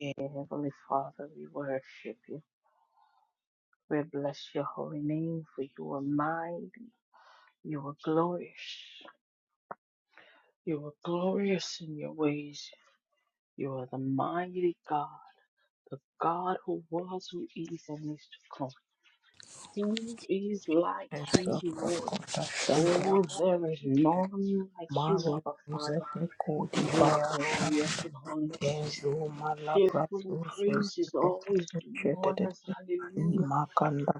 Dear Heavenly Father, we worship you. We bless your holy name for you are mighty. You are glorious. You are glorious in your ways. You are the mighty God, the God who was, who is, and is to come. Who is like you, Lord? Ezokota shanda Oh, there is none like you, maru Abba Father. zete kodi You are bara shanda glorious in holiness, kenzo malabra fearful in susu praises, zete always kote doing shete wonders. tete Hallelujah. imakanda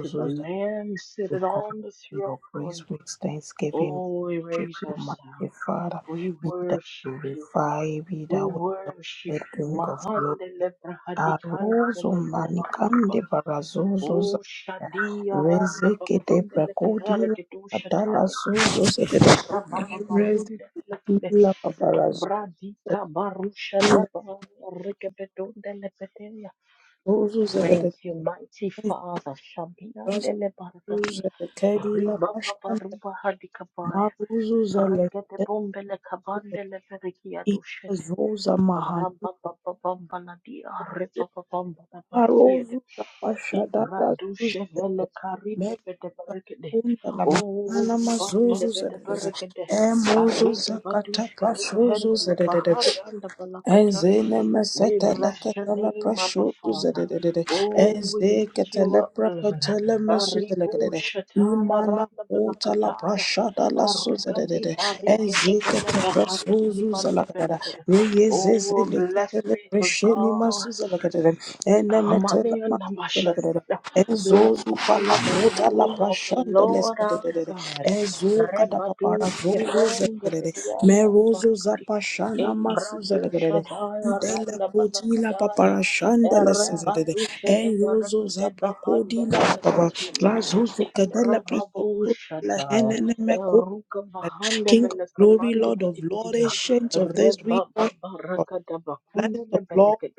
to the zete Lamb we seated come on the to your praise throne. with thanksgiving Oh, we we worship raise you our mighty sound. father We be thou worship you. glorified be We thou worship exalted you. king of glory Mahande lebra hadikande ke Arozo lebra hadikaba. manikande barazozo za Oh, shadi aranda rezeke de bakunde lekere prekodila ke tu adala shataya. zozo zedede Jebra baba barunde lekebe. rezekila babarazo Umbra dika barusha zedila daba reke betunde zozo Thank zedede you, mighty Father. rasu Shabiandele barakadi. zedekedila Riba papa pashkanda ruba hadikabaya. maruzu Regede zelekede bombele kabandele verikia zedila dushete. zoza mahanu Rabba papa bambala dia. Repa papa bambala Arozu barikiede. Ibra kapashadala dushe zuzere. vele karine bede Meruza barikede. kunda la O mahana mazuzu rubande bede zerere. barikede. Emuzu Ariza zakata badushe de prashuzu behende le zerere. bahari anda balakata. Ezene We mesetele bless your ketele name, Abba preshutu Father. zedededede. Oh, Eze we lift you ketele up, Lord. preketele mesuzele Aribu gedede. shataya Imana randa kuta la balakataya. prashada la su zede Aruga di suzedededede. barige Eze de kete beleva hardi presuzu di zele bande gedede. belegede. Miye Oh, zezele blessed ketele be to presheni God. masuzele gedede. Ene metele Amaniyanda masuzele gedede. mashataka. Enzo Blessed zupa la be the prota la name of the prashanda Lord our lestedede. God. Enzo kada papara Rebadush zongo kefen zegedede. debedianda Merozo labarakadi. zapashana masu Embratu zegedede. shadaya Udele randa koti la balakadaya. papara shanda lestedede. Erebadusha Enyozo devarakade zapra bahanda kodi la papara. belakatiya. Razuzu kadele Embrababu presozo la shataya. henene meko. Eruka bahanda King of glory, belakabandi Lord of Lord, bidibidiya. ancient of this we Rebaba worship. barakada Bless the Lord, Bakunda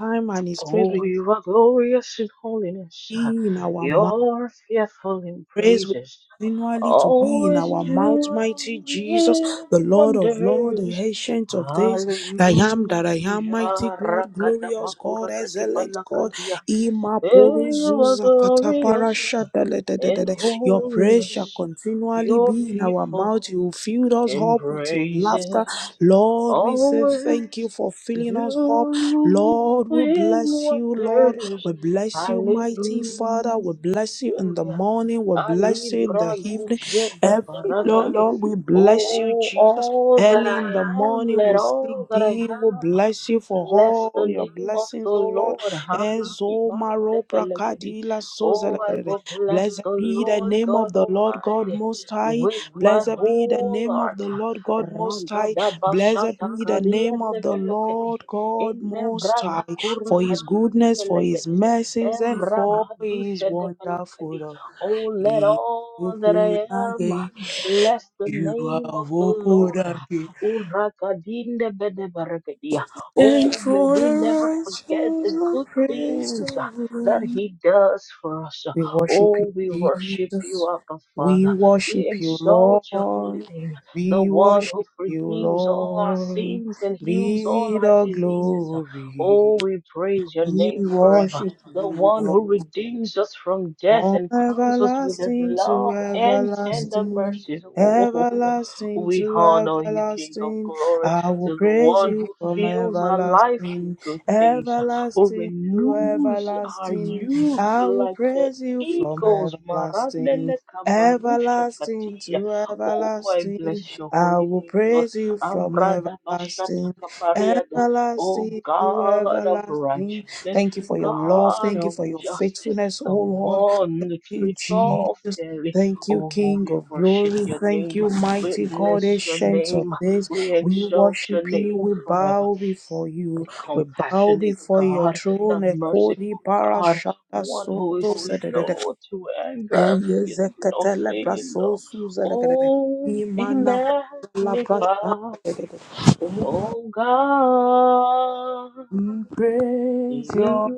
time and his praise Oh, will you are glorious in holiness. be in our mouth. You're fearful in praise will praises. continually to be in Always our mouth, mighty Jesus, doing the Lord of lords, the wonders. ancient of days, Hallelujah. I am that I am, mighty God, glorious God, excellent God, Rakadabakurakadibalakadia. Ima Hey, Poro you are Zuza Katapara glorious Shadele. in Your praise shall holiness. continually You're be in our fearful mouth. You filled us in up with your praises laughter. Lord, we say thank you always for filling us up. doing Lord, we bless you. Lord, wonders. we bless you, Hallelujah. mighty Father. We bless you in the morning. We bless Ali you in the evening. Bragujede Every Lord, Barakadi. Lord, we bless you, Oh, Jesus. all that Early in I the am, morning, let we'll seek all that I thee. We'll have. bless you for Bless all the your name of blessings, the O Lord. Lord. Ezomaro Harikibandevelekedi. prakadila Oh, I sozelekere. will bless Blessed the be the Lord name of God the Lord God Almighty Most High. with my Blessed be the whole name of heart. the Lord God Most High. Blessed be the name of the Ragadabashatakariandevelekedi. Lord God Most High. For his goodness, for his Inebradakurahadindelekedi. mercies, and for his wonderful. Embrabadushadebelekedi. love. Oh, let He all that opened I a am gate. bless the You name of have the opened Lord. a gate. Urakadindebedebarakedi. And Oh, may for we the never righteous, forget the we good praise the things uh, that Lord. He does for us. We worship you, Oh, we worship you, Jesus. Abba We Father. We worship you, exalt your holy Lord. name, the We one who worship you, forgives all our Lord. sins and heals all Be our the diseases. glory. Oh, we praise your We name forever. worship The you, one Lord. who redeems us from death From and crowns us with his everlasting to love and tender everlasting, mercies. Oh, everlasting we to honor you, King of everlasting, glory I will to the praise one you who from fills our life everlasting, with good things, who everlasting to renews our everlasting, youth I will like the praise you from eagles. everlasting, Marandele kabarusha everlasting katia. to Oh, I everlasting, bless your I holy will name, Lord. praise you from Amrada bashata everlasting, kapariada. Oh, everlasting to God of everlasting. righteousness, Thank you for your love, God thank you of for your justice, faithfulness, oh the Lord one that you, treats all Jesus. fairly. Thank you, Oh, King we of worship glory. your Thank name. you, We mighty God, bless your ancient of name. days. We We exalt worship your you. name We forever. bow before The you. We bow compassionate before your God, throne. the merciful Ekodi God, parashata one who soto is sededede. slow to anger and Eye feel good on zeketele feeling braso low. suzelegedede. Oh, be Imana kuzala magnified. prashata dedede. Oh God, We praise you your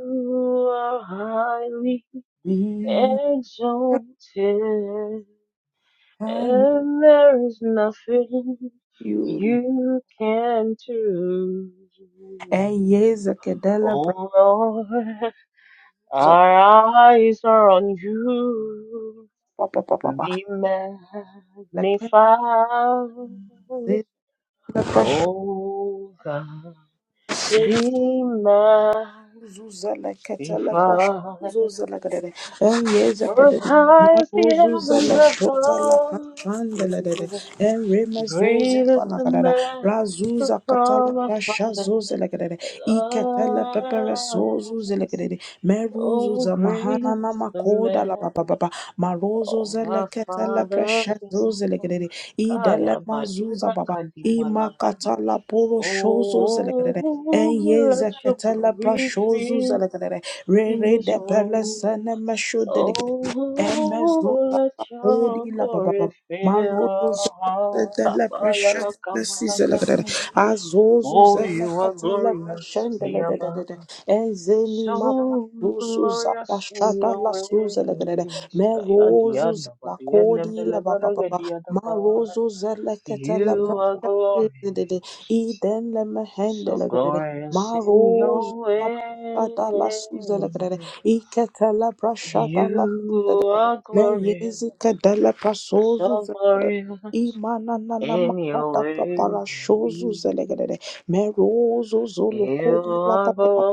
are highly name exalted. and And there is nothing you. you can do. Eye zekedele Oh Lord, braso our eyes are on you. pa pa pa pa pa. Be magnified. la kenzeza la basho Oh God, be magnified. la la la la la la kadere. En yeza For as kadere. high as Mabu the zuza heavens la shota la above, pashanda la katala Great is the katala master katala katala from our fallen shota I I katala pepera so love. zuza la kadere. Meru Oh, zuza great mahana is na the makoda la papa master papa. Marozo from zele our katala father's pasha zuza la love. kadere. I dele Kaya Mazuza badura baba kadibala kadi. imakatala poro shozo Oh, zelegrede let Eyeza your katala glory prashozu fill zalagadere. Re in re this de perla room. sana masho delegate. Oh, Emezu la let your kodi la baba baba. glory fill Marozo our zala hearts. katala Abaya la prashan la si kabara zalagadere. kadi. Azozu Oh, zala you are katala glorious prashan here, delegate. Enzeni ma so prashozu zala glorious in shata your la su zalagadere. ways. Kaya Merozu dianda zala bariana kodi la baba belebaraga baba. dianda ba. Marozo zala katala You prashan. are glorious, Eden le so mehendele glorious in Maroz your Zapata la ways. Suzelekere, Iketela Prashata la You Suzelekere, are glorious, Meyezika de la Prasozu so Zelekere, glorious Imanana in your Makata Prapara ways. Shozu Zelekere, Merozo You Zolokodi la are Papa,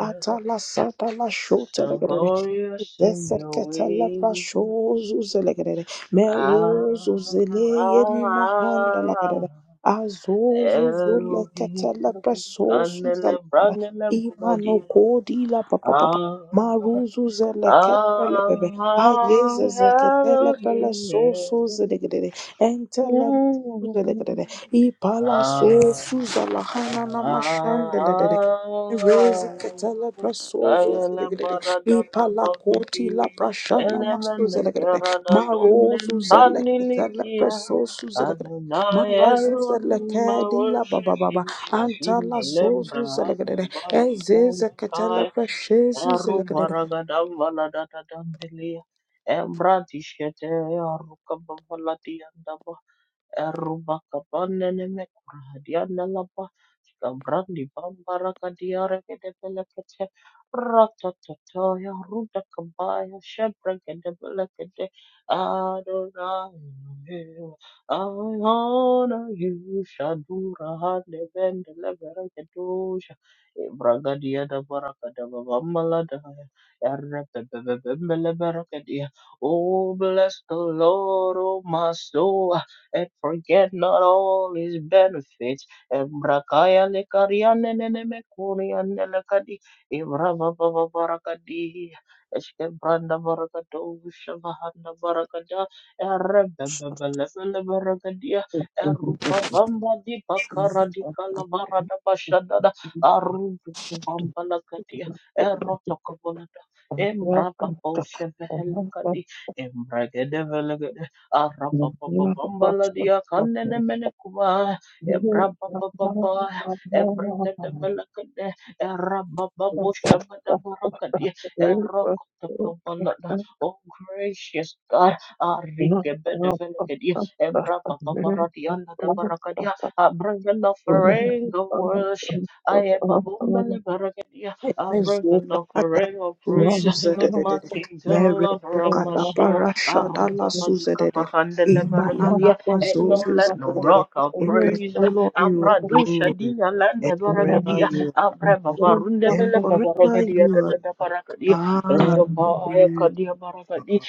Atala Sata la So Shotelekere, glorious in your Zeseketa la way. Prashozu Zelekere, Ah, Merozo Zeleye ni Mahanda la ah Azuzu zula Elohim, ketele presosu Kanele, zala Branele, imano Bugadia. kodi la papa papa Ah, maruzu zele ketele ah, bebe ah, ayeze zeketele pele Elohim. sosu zelegede entele masu Mm. zelegede ipala Ah. sosu zala hanana mashandele dede Rezi ketele presozo Kayele zelegede barada ipala koti la kabambili prashana masu elemene zelegede kerada dunem maruzu zele ketele banilikia presosu Adonai Marazuza Elohim I lekedi la baba worship baba you Shadim antala sozu elembra anda zelekedede bandi ezeze bandi ketela kai preshezi Eru zelekedede baragada valada dandilia Embra tishete aru kabavalatia Rubakabaneneme-kurahadianalaba, Gabrandi-bambaragadiaregedebelekete, Ratatatoya, Rudakabaya, Shebregedebelekete, Adonai, I honor you, Shadura Handebendeleberegedosha, Ibragadiadabarakadababamaladaya, Erepebebebembeleberegedia. Oh, bless the Lord, oh my soul and forget not all his benefits. And brakaya le kariane nene me kuriane le kadi ibrava baba barakadi eske branda barakato shavahanda barakada erebe bebele bele barakadia Thank erupa bamba di bakara di kalabara da bashadada arudu kubamba la kadia eroto kabolada embra babo shevehele kadi embragede velegede Arabababambaladia kanenemenekua. Ebrabababa, ebrentedebalakade, erabababoshabadabarakadia, erokotokobalada. Oh, gracious God, Arigebedevelekadia, Embrababaradianadabarakadia. I bring an offering of worship. I am a bumbleberagadia. I bring an emezupa kata offering of praise sozu to my zelekedede King, to the merezo lover of my kata soul. parasha dala Aruka Badika suzedede Bahandele imanana Baragadia, and no mazozu let no zelekedede rock our we bless praise. you Lord you you. are Abradusha glory Dina Landa and Thank forever Baragadia, you are Abraba God you. Barunda and Meleka forever Baragadia, you the Baragadia, and are the Baya Kadia Baragadi, high.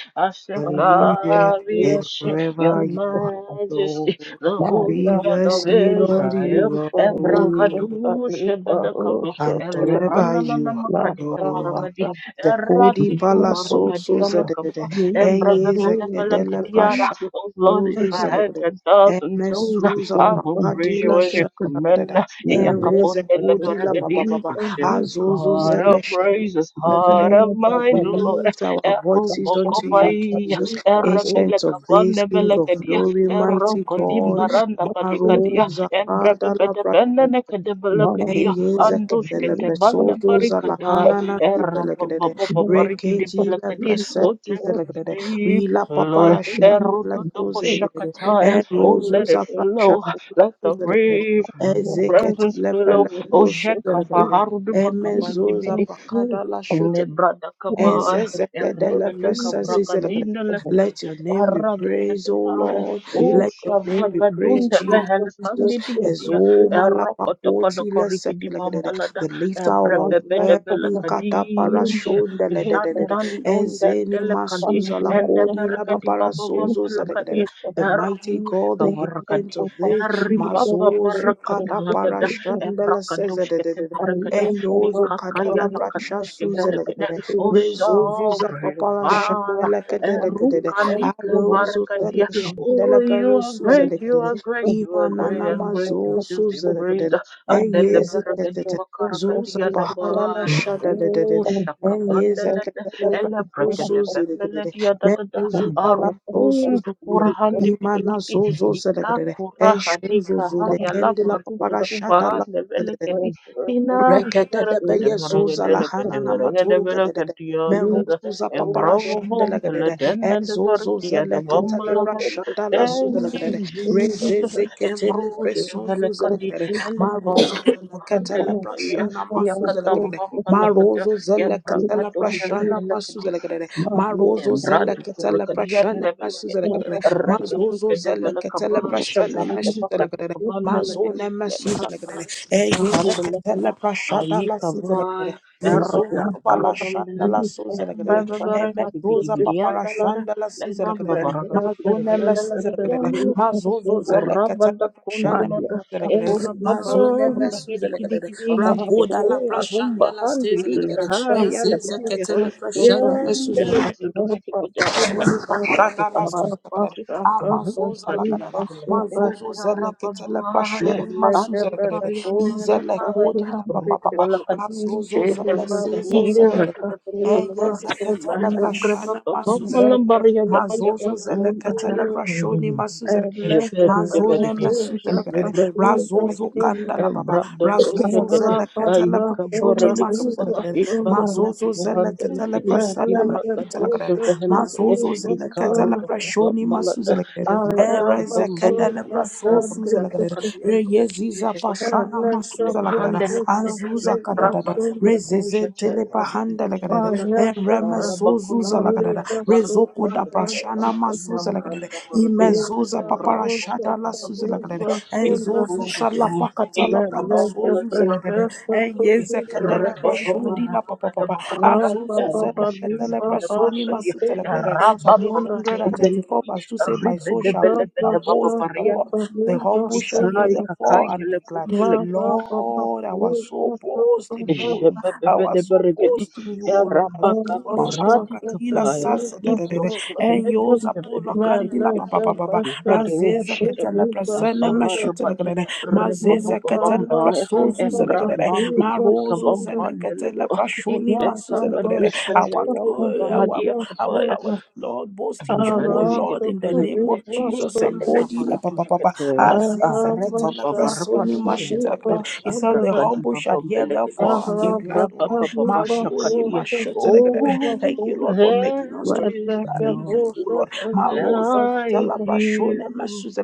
Hallelujah. And Asekavish, Your forever you are Lord. Majesty, the Holy We One bless of you, Lord. You Israel, are Lord. Embragadusha Bedakava, And forever Elibrana you are Makadika Lord. Baragadi, Zekodi Eratika pala soso Baragadi Anakaba. zedede. Eye zekedele Embrabakadabakadiara. prasha Oh Lord, if soso I had zelegede. a thousand Eme tongues, suza I will praise prakadila you as you shatadadada. command. Ere zekodi la Iyakapondelebregedi. baba baba. Receive this Azozo heart zele of shende praise, this heart zedede. of mine, We Lord. lift our voices unto you, Erubokopai, Jesus, ancient of days, King Thank of erebelekabandebelekedia, glory, mighty God. Maro erokodimbarandabalekedia, zakada la prasha. En embrebebedebelekadebelekedia, yezek dele presodo andushketebandabarikedai, zalakana nasi belegede. Rekeji le erababababarikedebelekedia. presesi Oh, zelegede. deep, We la papara Lord. shandla so zelegede. Erudodobosakataya. En Oh, let it rozuza prasha flow. la Let so the zelegede. river of your Ezeket presence le flow. pele Oh, so so zelegede. Emezoza Shekavaharudubakabandibidi. prakada let Inebradakabaya. your name be praised, O Rabakata, Lord. O Let your name be praised, Shabagagunda, Jesus. Vehelkandi As Divia, O Malapakoti, Rokotokoriki the Divambalada, lifter of our Brebebe de head. We katapara Belacadish, shonda le de de de de. you. Jandan Don Ezeni Thank Dentelacadi, masuza la and the kodi la Arabatatai, Ushavagabunda Vehelakandidibia, Erokotokolokorikidibambalada, Ebrebebedebelakadish, Jandandondendelekadi, Endeberakadibababambalakadi, The mighty God, the ancient Erushkavarakadi, of this, Mazozu katapara Eribababarakadalagada, shonda la Ebrakadoshketeberakade, Enyozo kadala prasha Mikakayalakadoshkevelekade. Oh, Resolvus sovereign apapara Father. shandela kadela kadele. Erukalika Aroso zela barakadia. shandela Oh, you pero are suzela great, you kadele. are great, you are Imana great and greatly namazo to be suzela praised. kadele. Andele Eyezi barakadi tetete. Zuza bakarakadia pahara la daba. shadele Oh, dedede. Eyeze shakabanele kadela ele pero brakede suzela kadele. bemeledia da da da. Meruzu pala so suzela Arundu kadele. kurahandi Imana bilikidi. zozo zela Ika kadele. kurahadi Eshozo zule kahaya la kendela you. barutu papara shadala. kubahande Maria, belekedi. Ina the de Rekedebe barakade barakade yezuza lahana barakade na barakade maturu gedede. barakadia da da. Meruzuza papara shandele Embrobum, the gedede. Laden and the Ezozo Zorkia, the zele katele Bambalagadi. brashada la Thank suzele gedede. you, Jesus. Rezeze ketele Ebrush, presonzu zele Velekadi, gedede. Marozo Elivarm, zele ketele Handelakaya, brashana masu zele Yakatam gedede. Bambalakada, Marozo zele ketele Yabragado, brashana masu zele gedede. Marozo zele Tembrado ketele kurakadia brashana masu zele nevelokedi gedede. rekapuka Mazozo zele develaka ketele basha brashana baraka masu paka zele gedede. dikabandelege Mazone masu zele lembrado gedede. dushka Eh, ye vahandeleka zeketele prashada la ayika vaya suzelekelele. errota Rezovu kabala pala shanda la dombelege suzelekelele. embrebe bereke Eme dibidi zoza papara bidiandelege shanda la lembramba suzelekelele. baraka Mazone me dikabandelege suzelekelele. diandelege Mazozo urabada zeleketele prashane kundulada suzelekelele. embrababa Mazone Thank me you. digidi digidi suzelekelele. digidi Thank Rakoda ishkete la you. arumba prashanda la handelika suzelekelele. hari Eh, yadabaya zezeketele prashane me Yandele suzelekelele. de do skipede na karo do kutu kuru Amazoza hadi lakadada, yandele de mazozo ya rabba zeleketele basha pashoni masuze ande lakadada, kariyana la izele kai kodi la papa ruka papa, bala kadiri razozo zele skipede seze skipede zedede, rakete pete zele eye skipede zeketele ande grabba pashana baba masuze malam bariya da Mazozo zeleketele prashoni masuzele. kedede. Shepherd Mazone Bergia, mesuzele. into kedede. Branded Razozo Belicadi, kandala and baba. Brandoto Razozo Shagadi, zeleketele Ayuka prashoni Borodicaba, masuzele. kedede. Iba Mazozo Rupu zeleketele Handelicadi, prashana mashitele. Ibracado kedede. Shepherd, Mazozo zeleketele Icaro to prashoni Kubambalada, masuzele. kedede. Ebrada Erezekede Kabambalada, lebra so suza Eruda lagadada. Makadi and the Reyeziza pashana Shakara masuza lagadada. Rukutabhandelicadi, Anzuza Met kadadada. Brabata Kadoja Rezeze Chai of telebahanda the lagadada. Dibalada, Ereme Rabakundi sozuza lagadada. Kia the Rezoko Barakutushka. da prashana masuza lagadada. Imezuza paparashada la suza lagadada. Enzozu salapakata la pala sozuza lagadada. Eyezekede lebra shodi la papapapa. Rabba Azuzo Baba zelekete Viva lebra Rasha Pundi Psalm Prasunda 184, verse 2 say, My soul shall praise Thank and boast in the Lord. Rabaka The humble shall hear their fall and be glad. Lord, our you. soul boast in you, O Lord. I was so boast in you, O Lord. Azuma kuradi lapakadila kabaya. sasa da da da da. Ibroshke feleke Enyo zapola kandila ba ba ba ba ba. Razeza ketela prasana mashuta da da da. Mazeza ketela prasozu da da da. da. Marozo zela Zela Prashoni Masu Zela Kedede. Our, uh, our, our, our Lord, boast in you, Oh, O Lord, in the name of Jesus. Akodi La Papa Papa. Aziza Ketela Prashoni Mashi Zela He says, The humble shall hear therefore and be Arada glad, O Lord. kariba Mazoni bosa Mashi Zela tadeba Thank so you, Lord, for there making us to be is glad meleke regarding no you, O bosa Lord. tadeba Marozo like katala sena bashone you. masuza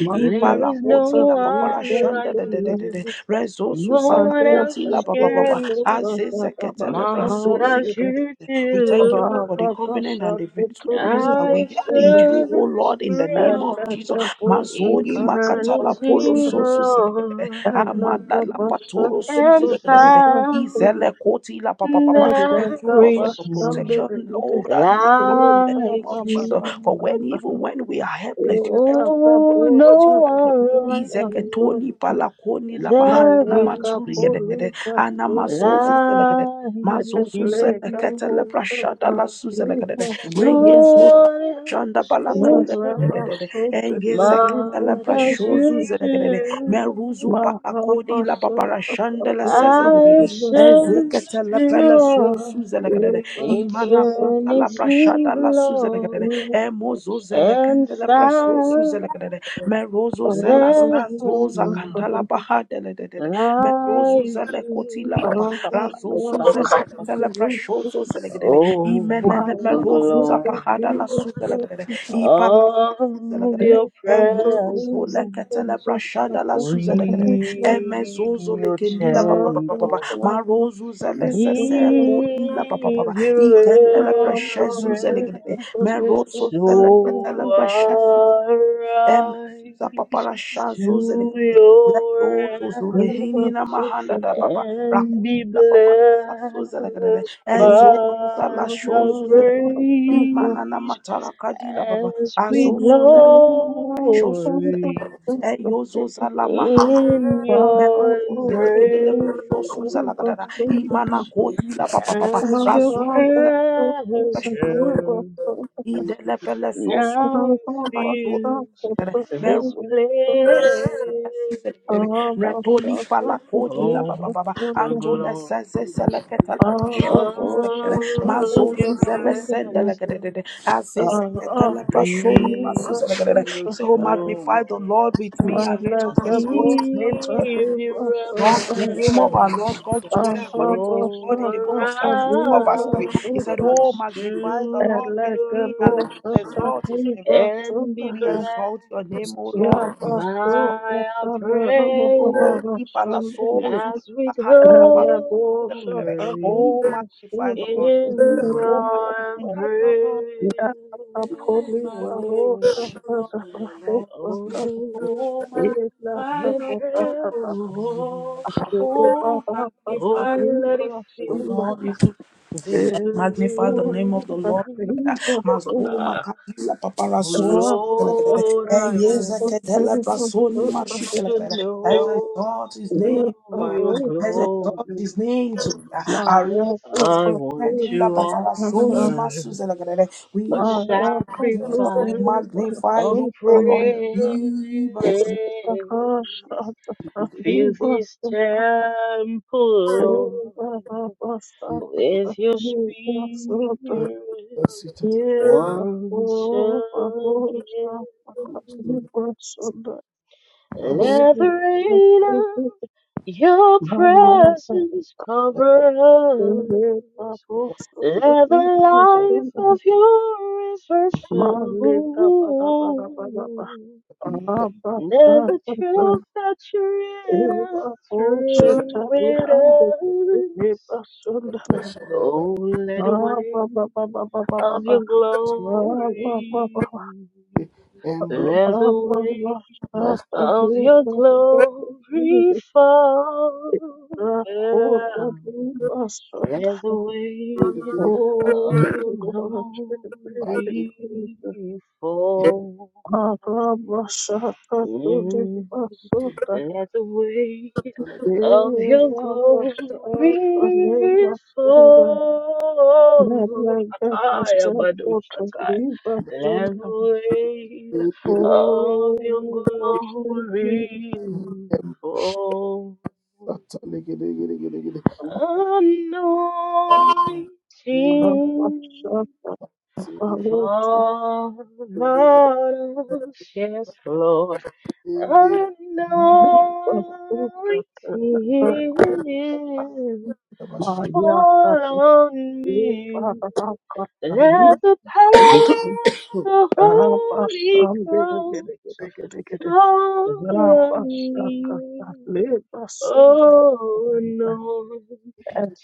Maria There Ipala is no kariba koti la papara one shanda like da da sena da da da. you. Rezo No susa one Maria else koti la ba ba can bosa touch tadeba Azeze ketele my sanda heart presozi as ke- begede you We thank you Lord, do. for the Raba covenant basa and the victories that tadeba we I've had in sena you, O searched Lord, in the name of through Jesus. Eleke bosa Mazoni tadeba makatala polo eternity, sena sosu se- Lord, Eleke Amada la basa patolo suzi and tadeba found Izele sena koti la pa pa pa pa. Thank you, Eleke there Lord, for is your basa protection, none begede Lord, that you will Maya have in the name like of Jesus. For when even you. when we are helpless, you help us, you Oh, protect us, no you guide us. one like you. Izeketoli palakoni la There bahana na is maturi no gedede Kapoliva ana Sunda mazozu zelegedede like mazozu Lega zelekete le you. prashada Bostata la Eva, No Sunda suzelegedede one Shanda else can balatule tell Nareva kedededede. Sutta my Engeza ketela Eva, heart as prashozu you Sutta zedegedede. Meruzu do. palakodi Mahaba la papara Sutta shanda la Eva, sezedegedede. I've Sutta Eze searched ketela pele throughout sosu zedegedede. Eva, Imana Sutta kota eternity, la prashada la suzedegedede Lord, and kandala praso suzela found kadede merozo zela Eva, there is sazoza none. Sutta kandala bahadele dedede merozo Like zele kotila you, papa Thank you. razo suzela kandala Shakalakarodabakadi. praso zozela kadede Oh, imenene the merozo za pahada la glory suzela kadede ipala suzela of kadede your felt Eyo so sozo mean, le I'm so ketele presence. blessed, prashada I'm la so blessed, suzela I'm kadede so blessed. We, emezozo le your kendila papa I'm papa so papa temple, blessed, I'm marozo so zele give big, I'm sese so blessed. kotila papa papa ikendele you I'm so prashezu blessed, zele I'm reverence. so big, Meroso I'm so seleketele So blessed. precious I zeleketele. Emesuza rise paparasha to zozeleketele. your Leyozo You zulehini felt na rest. so mahanda good, da baba. and be Rakodi la paparasa zozeleketele. blessed you Ezozu by felt sala so good, our shozu you felt zeleketele. so good. Imana na praise matala kadila baba. as we You Azozu felt zeleketele precious so good, you glory zeleketele. felt Eyozo so good. zala mahanda in zeleketele. Malaga your Merozo zeleketele embrace precious zeleketele. Imana kodi la papa papa. as your Razuzu zeleketele presence precious Idelebele sosu now nama shodo. fills Meru this place. Rapoli fala kodi la ba Oh, ba ba ba. the Antola glory. saze seleketa la ba shozu zelekele. All of your Mazozu zele la presence. lekele. Aze sekete la ba shoni masu Be zelekele. your He said, Oh, magnify the children. Lord with me and let us exalt his bosta name together. Give tariba your Lord, the sonda name of our Lord reverence. God together Thank according to his word Show in the book of Psalm 34, verse 3. rise He said, Oh, to magnify the Lord with your me and let us rest exalt his name. and be We exalt your blessed name, O Lord. by We exalt our you, praise O deep Allah, so Zeus, as we Ahana, Nama, glory. Oh, magnify the Lord. in Oh, your magnify the Lord. embrace. name magnify the Lord. The Lord is good. Oh, Oh, magnify your the presence. Lord. Oh, magnify the Oh, let it Lord. The you. Lord fill is good this Thank magnify the name of place. the Lord. Mazoma Ah, kadila oh, paparasos. Lord, Eh, I yes, I want can tell a person in my shoes. Let's to know exalt his name forever. your Let's glory. exalt his name together. Arose, I want kadila to paparasoni offer masuzelagade. a We worship you, Jesus. We sacrifice magnify of you, O praise. Lord. Fill this temple, Lord, with your you. spirit Masita Yes, once Abba, Abba, Shabbat, again. Abba, Shabbat, Let the Holy rain of Spirit, your Maria, presence cover Holy, Abba, us. Shabbat, Let the Abba, life of Shabbat, your river Malika, Bada, Bada, Bada, Bada, flow. Abba, There's a Shabbat, truth that you're Eva, Osha, maskushada in Tali, with Hande, us. Eva, Sunda, Oh, let the Abba, wave Baba, Baba, Baba, of your Baba, Abba, Baba, glory. endo Oh, Let the Lord, wave maskiri of Jesus. your glory fall. Yeah. Let the wave kiri of your pali kiri glory fall. Arabashaka to the Mm. Basunda, Let the weight lagada of your glory Irabashaka Leba Sunda, fall. Nedlega I am a do Bashaka to shatai. Liba Let the Sunda. weight kiri kiri Oh, of your we worship you, glory em fall. sata legede gede gede gede Anointing. em sidi Arabashaka, kudu Father, yes, Lord. ende Anointing Malega boshata tabashi fall on me. Let the power of the Holy Ghost fall on me. liba sonda Oh,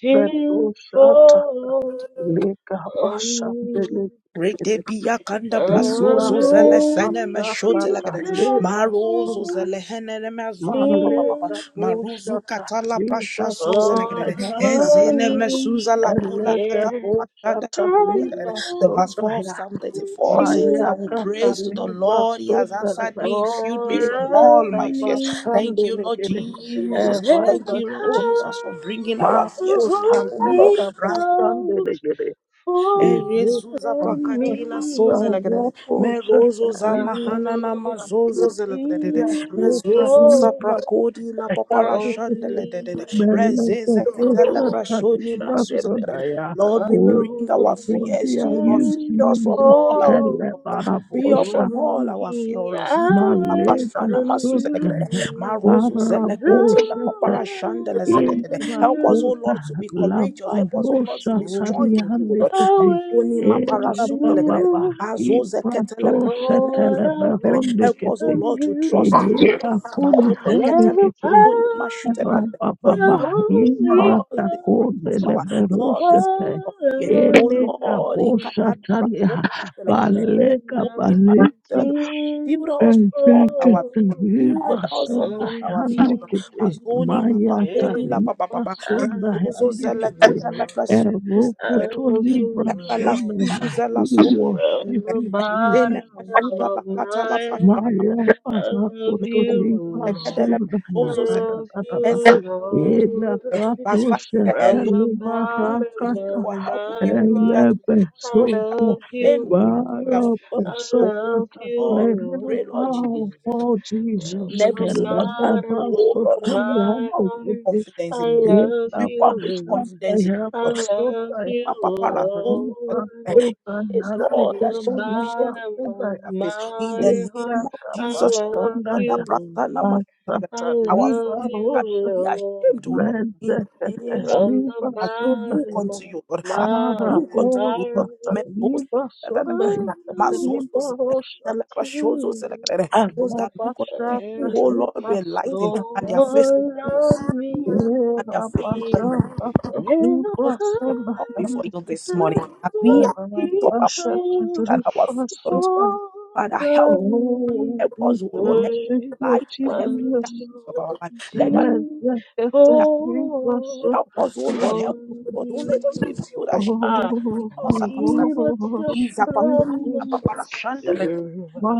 anointing fall on me. Rede biya kanda brasozo zele Anointing, sene me shote la kadene. Marozo zele hene ne me azuza pa pa pa pa. anointing. Maruzu kata la prasha soze la Oh, kadene. yanga Ezene me honey, suza la pula Elege yeah, kata la prasha bocha de- I'm taliba the verse 4 of sundaya. Psalm 34 says, anointing I Maya will praise to the kataliba Lord. He has answered sundalebe. me, He filled me from Ila for all my fears. me. Thank kabastande you, Lord legede. And Jesus. there's Thank a Erebe you, Lord power kota. Jesus, for bringing our of the fears Maso to you, O Lord. Holy talika bastande Ghost legede. Ele Eyezuza for pakadila soza me. Aya lagade. bocha Merozo za taliba mahana na sundaya. mazozo zelagade. Anointing Kota Rezozu sa for liba prakodi la papara on shandele. me. Rezeze katele prashoni Oh, masuza. Lord, we Oh, bring our oh fears to dear, you, Lord. you Feed Anointing us from Jesus, all our fall Free us Kalebarabosha, from all on our fear, O me, I Lord. Zika tala Maleba prashana on masuzelekere. Sotaya, you, Marozo Arabosha, zelekoti la papara Lord, I shandele sededede. on Help you. us, O Imbrakota, Lord, to be courageous. Help us, O Lord, to Labarosha, be Oh, strong in you, O I Lord. Taliandikete, Mazoni wait on mapara Ebra suzelekere. Baba, you, Azoze ketele Ibratosha, prashana Lord, I masuzelekere. Help wait us, O Teleberondikete, on Lord, to you. trust in you, O Lord. Eyeka Kuli Matole Let ketele the Handikete, zoni power mashutelekere. For of you the Rababa have given Holy us imbrata the spirit Ghost konde of power, not the leberosete spirit fall of fear. on O eleka Lord, me. bosa ikatala talia praso zelegrere and baleka go in my baleka children. Build Anointing us from all ezeke our people. fall Build teriba us from soda all on our people. me. handikete Mazoni maya Yeah. mapakodi la papa taliba papa. I ba soda love Razozo you, zela handikete kata la Lord. plasozo eroko zela. I love Ida you, tolibra la ba la soda Lord. na zela we sozo zela. From worship the you Jesus Enzele bottom mesuza la of kata la my prashana heart, ma. Maya I love Pahakoto you, Merozo Libra zela kata la Lord. Soda I prashozo zela. love Ese you, Lord. mesuza. Verse 5 Elakatosha said, From Those the who stood to bottom Talibarakata him of for help will be my heart, radiant with joy. No I Elebesota shadow love of you, shame will Lord. darken their Barabasakata faces. I Oh love you, Lord, Lele pray, Lord Lord, Jesus, Powerful in Jesus from every the circumstance. Keleberasota bottom Oh of Lord, my walk with heart. Yandikiti confidence I in you. love We Elabasota you, walk with Lord. confidence in you. Lord. I love Yabasota you, Praise Lord, Aribasota from Lord, Yandikiti I the shall of shame look bottom back Basota in of their face. In my the heart. name of I Jesus, Elakabasota love God, that you, brother, na ma- Lord. I Yabasota our love faith shall you, Libarosota be Lord, ashamed, O Lord. In the Mendekete name of from the liba as we sonda look he bottom unto of you, Lord, as my ara we look unto you, bosha Lord, heart may those liba that that- that- sonda that- he that- must mountain. also liba select- rosha select- shows us select- that- that- ara those that look unto basha you, Let O it Lord, liba were lightened, sonda and fall their faces mendekete on me. and their era faces were basha And the liba Lord, as we have sonda come before you this mendekete person morning as we have won't era lifted be up our basha control and our liba faith unto you. sonda Father, help, of me. Oh, help us, O Lord. Lord, Let there thank be Hey, you, light upon every I'm Jesus. darkness of our life. Let there be wanting Mendekete that. liba for Help us, O Lord. on Help us, sonda O Lord. Don't let me. us be filled ashamed in I all Mahalla need circumstances, a O Lord. touch Izapako- from the Izapaparashanda- Master. I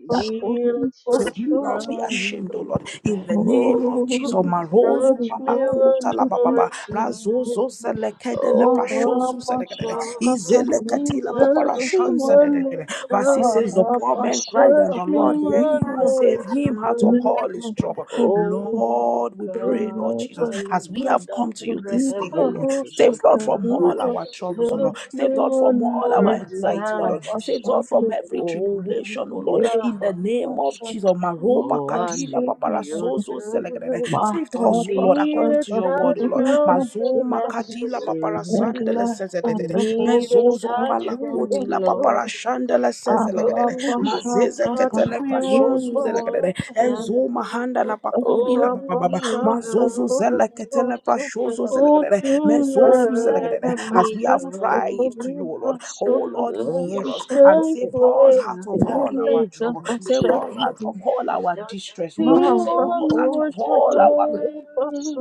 need a May we touch not be from ashamed, O you. Lord, in the name of Jesus. Oh, Marozu touch me palakota one la more bababa, razozo time. selekede le prashozu Oh, selekede, God, izelekati la touch me paparashon one more selekede. Verse six says, The time. poor man cried, and Touch the me Lord hear one him and pasande more save him out of all time. his trouble. Oh, Lord, we pray, Lord God, Jesus, Kale as we have brada come to you kure this thing, oh Lord. Save Lord from hevele all our troubles, oh Lord. Touch me Save Lord from one all our more anxiety, oh Lord. time, Save Lord from every oh tribulation, oh Lord. Thank In the God. name of Jesus, Maroba Oh, I Kadila need Papara your Sozo Zelegrene. touch. Save I us, oh Lord, need according a to your word, touch oh Lord. from the Mazoma Kadila Papara Master. Sandele I Sezedede. need a Mezozo touch from Palakoti you, La Lord. Papara Shandele zelegadere. Oh, Mazeze touch ketele me pashozu one more zelegadere. time. Enzo mahanda la pakudi la bababa. Oh, Mazozu zele come. ketele pashozu Oh, zelegadere. do not Mezozu let zelegadere. As me we have cried go. to you, O Lord. O Lord, Love hear us and shake save us where out I'm of all our trouble. standing. Save us out you. of all our Touch distress, O me Lord. Save us one out more of all our time.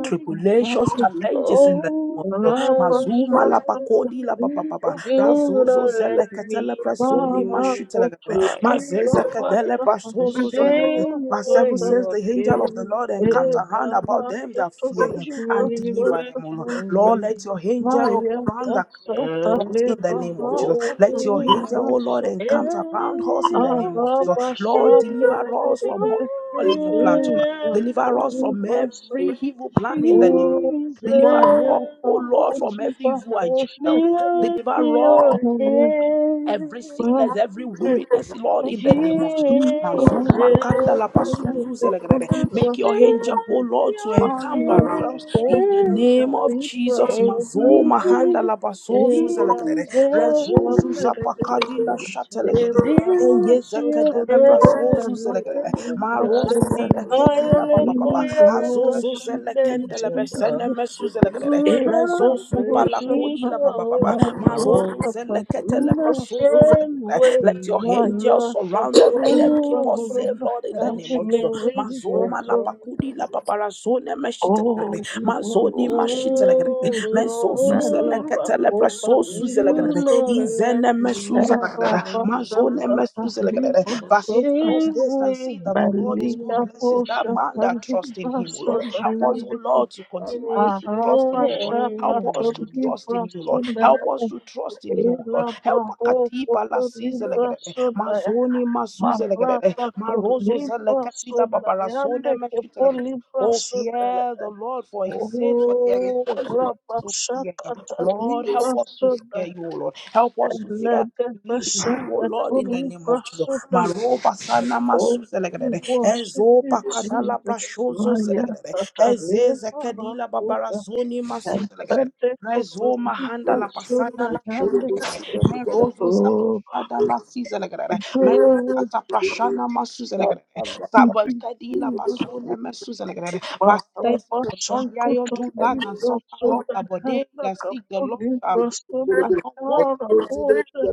tribulations, challenges in the name Oh of God. God, Mazuma la pakodi la papa papa. do Razozo not let zele me katele prasoni go. mashutele gare. Mazeza Ayakatabaya. kadele prasozo zele gare. Shame Verse where 7 says, The you're angel of the Lord encamps carrying. around about them that fear him Touch and me deliver with them, O Lord. your Arabashandere Lord, let your angel round the Lord, hand. in the name of Jesus. Let your Oh angel, oh Lord, encamp around us and in the name I'll of Jesus. touch me Lord, deliver us with from your all evil plans. hand. Deliver us from every evil plan in the name of Oh, Deliver my, us, oh yes, Jesus, I Lord, thank from you, every my evil touch agenda, oh portion, me Lord. with Deliver us your hallelujah. every hand. My, sickness, every I weariness, Lord, thank in the name of Jesus. you, my Mazuma son, Jesus, kanda la hallelujah, pasuzu the zelegrede. goodness touch Make of me your son, angel, O with Lord, to your my, encamp my, around the us. In the portion, name of hallelujah, hand. Jesus, Eh, son, my, Mazoma handala pasozu eh, la, zelegrede. Jesus, the Rezozu portion, hallelujah, zapakadila Touch eh, with shateledede. my, my, your Eye so, hand, Kichachvili zekede la totally, hallelujah, the prasozu hele zelegrede. Marozo portion, my, zelekedila kanimhaile papapapa. we koyere Azozo worship you, zelekendele katumenyada. Jesus. besene mesu zelegrede. Oh, Do we not Rezozu let me palakodi la go babababa. oh, Marozo zeleketele the prasozu zelegrede. same Let way your I come. angels surround us. Let them keep us safe, Ooh, Lord, in the name touch of me Jesus. with your Mazoma la hand. pakudi la paparazone meshitelegre. want Mazoni to be mashitelegre. Ooh, Jesus. Mezo suzele Lord, Meleba, ketele Opa, preso suzele Liba, do gre. not Soda, let Izene me mesuza Era, go. Basha, Mazone Tata, mesuzelegedede. Liba, The Verse 8, Soda, oh, same taste and see way that the Lord is Malika, good. you Blesses that Bosha, man that trusts in Liba, him, O Lord. Soda, Help touching us, me O Handicap, Lord, to continually with to trust your in you, Lord. Arabasha, Help us Tata, to hand. trust in Libra, you, Lord. Help Soda, us to trust in you, Lord. Ela Help barro Akatipa la foto limpa Sizelegedede. sondaya. Mazoni Masuzelegedede. Marata to Marozo limpa Zelekatila sondaya. Ande Babarasone que por Meshitelegedede. limpa Oh, fear sondaya. the Lord for his sin, for there is Oh, one step la to fear pasata him. ta Lord, help limpa us to fear you, sondaya. O Lord. Help us to Ela fear que believe in you, O pasata to Lord, in the name limpa of Jesus. sondaya. Maroba sana Oh, masu we zelegrede. worship Ezo you, pakadala Jesus. prashozo Maya zelegrede. tata Eze limpa zekadila rakuta. babarazoni masu And zelegrede. Pentecost Rezo mahanda limpa la pasana la sondaya. shot kiri Ande zelegrede. busika lagada Merozo zapashada la si zelegrede. Mezo Oh, kiri kataprashana masu zelegrede. baba Oh, Sabakadila pasone masu zelegrede. Vastes the long yayon do lack and suffer hunger, but they that seek the Lord shall shall not want.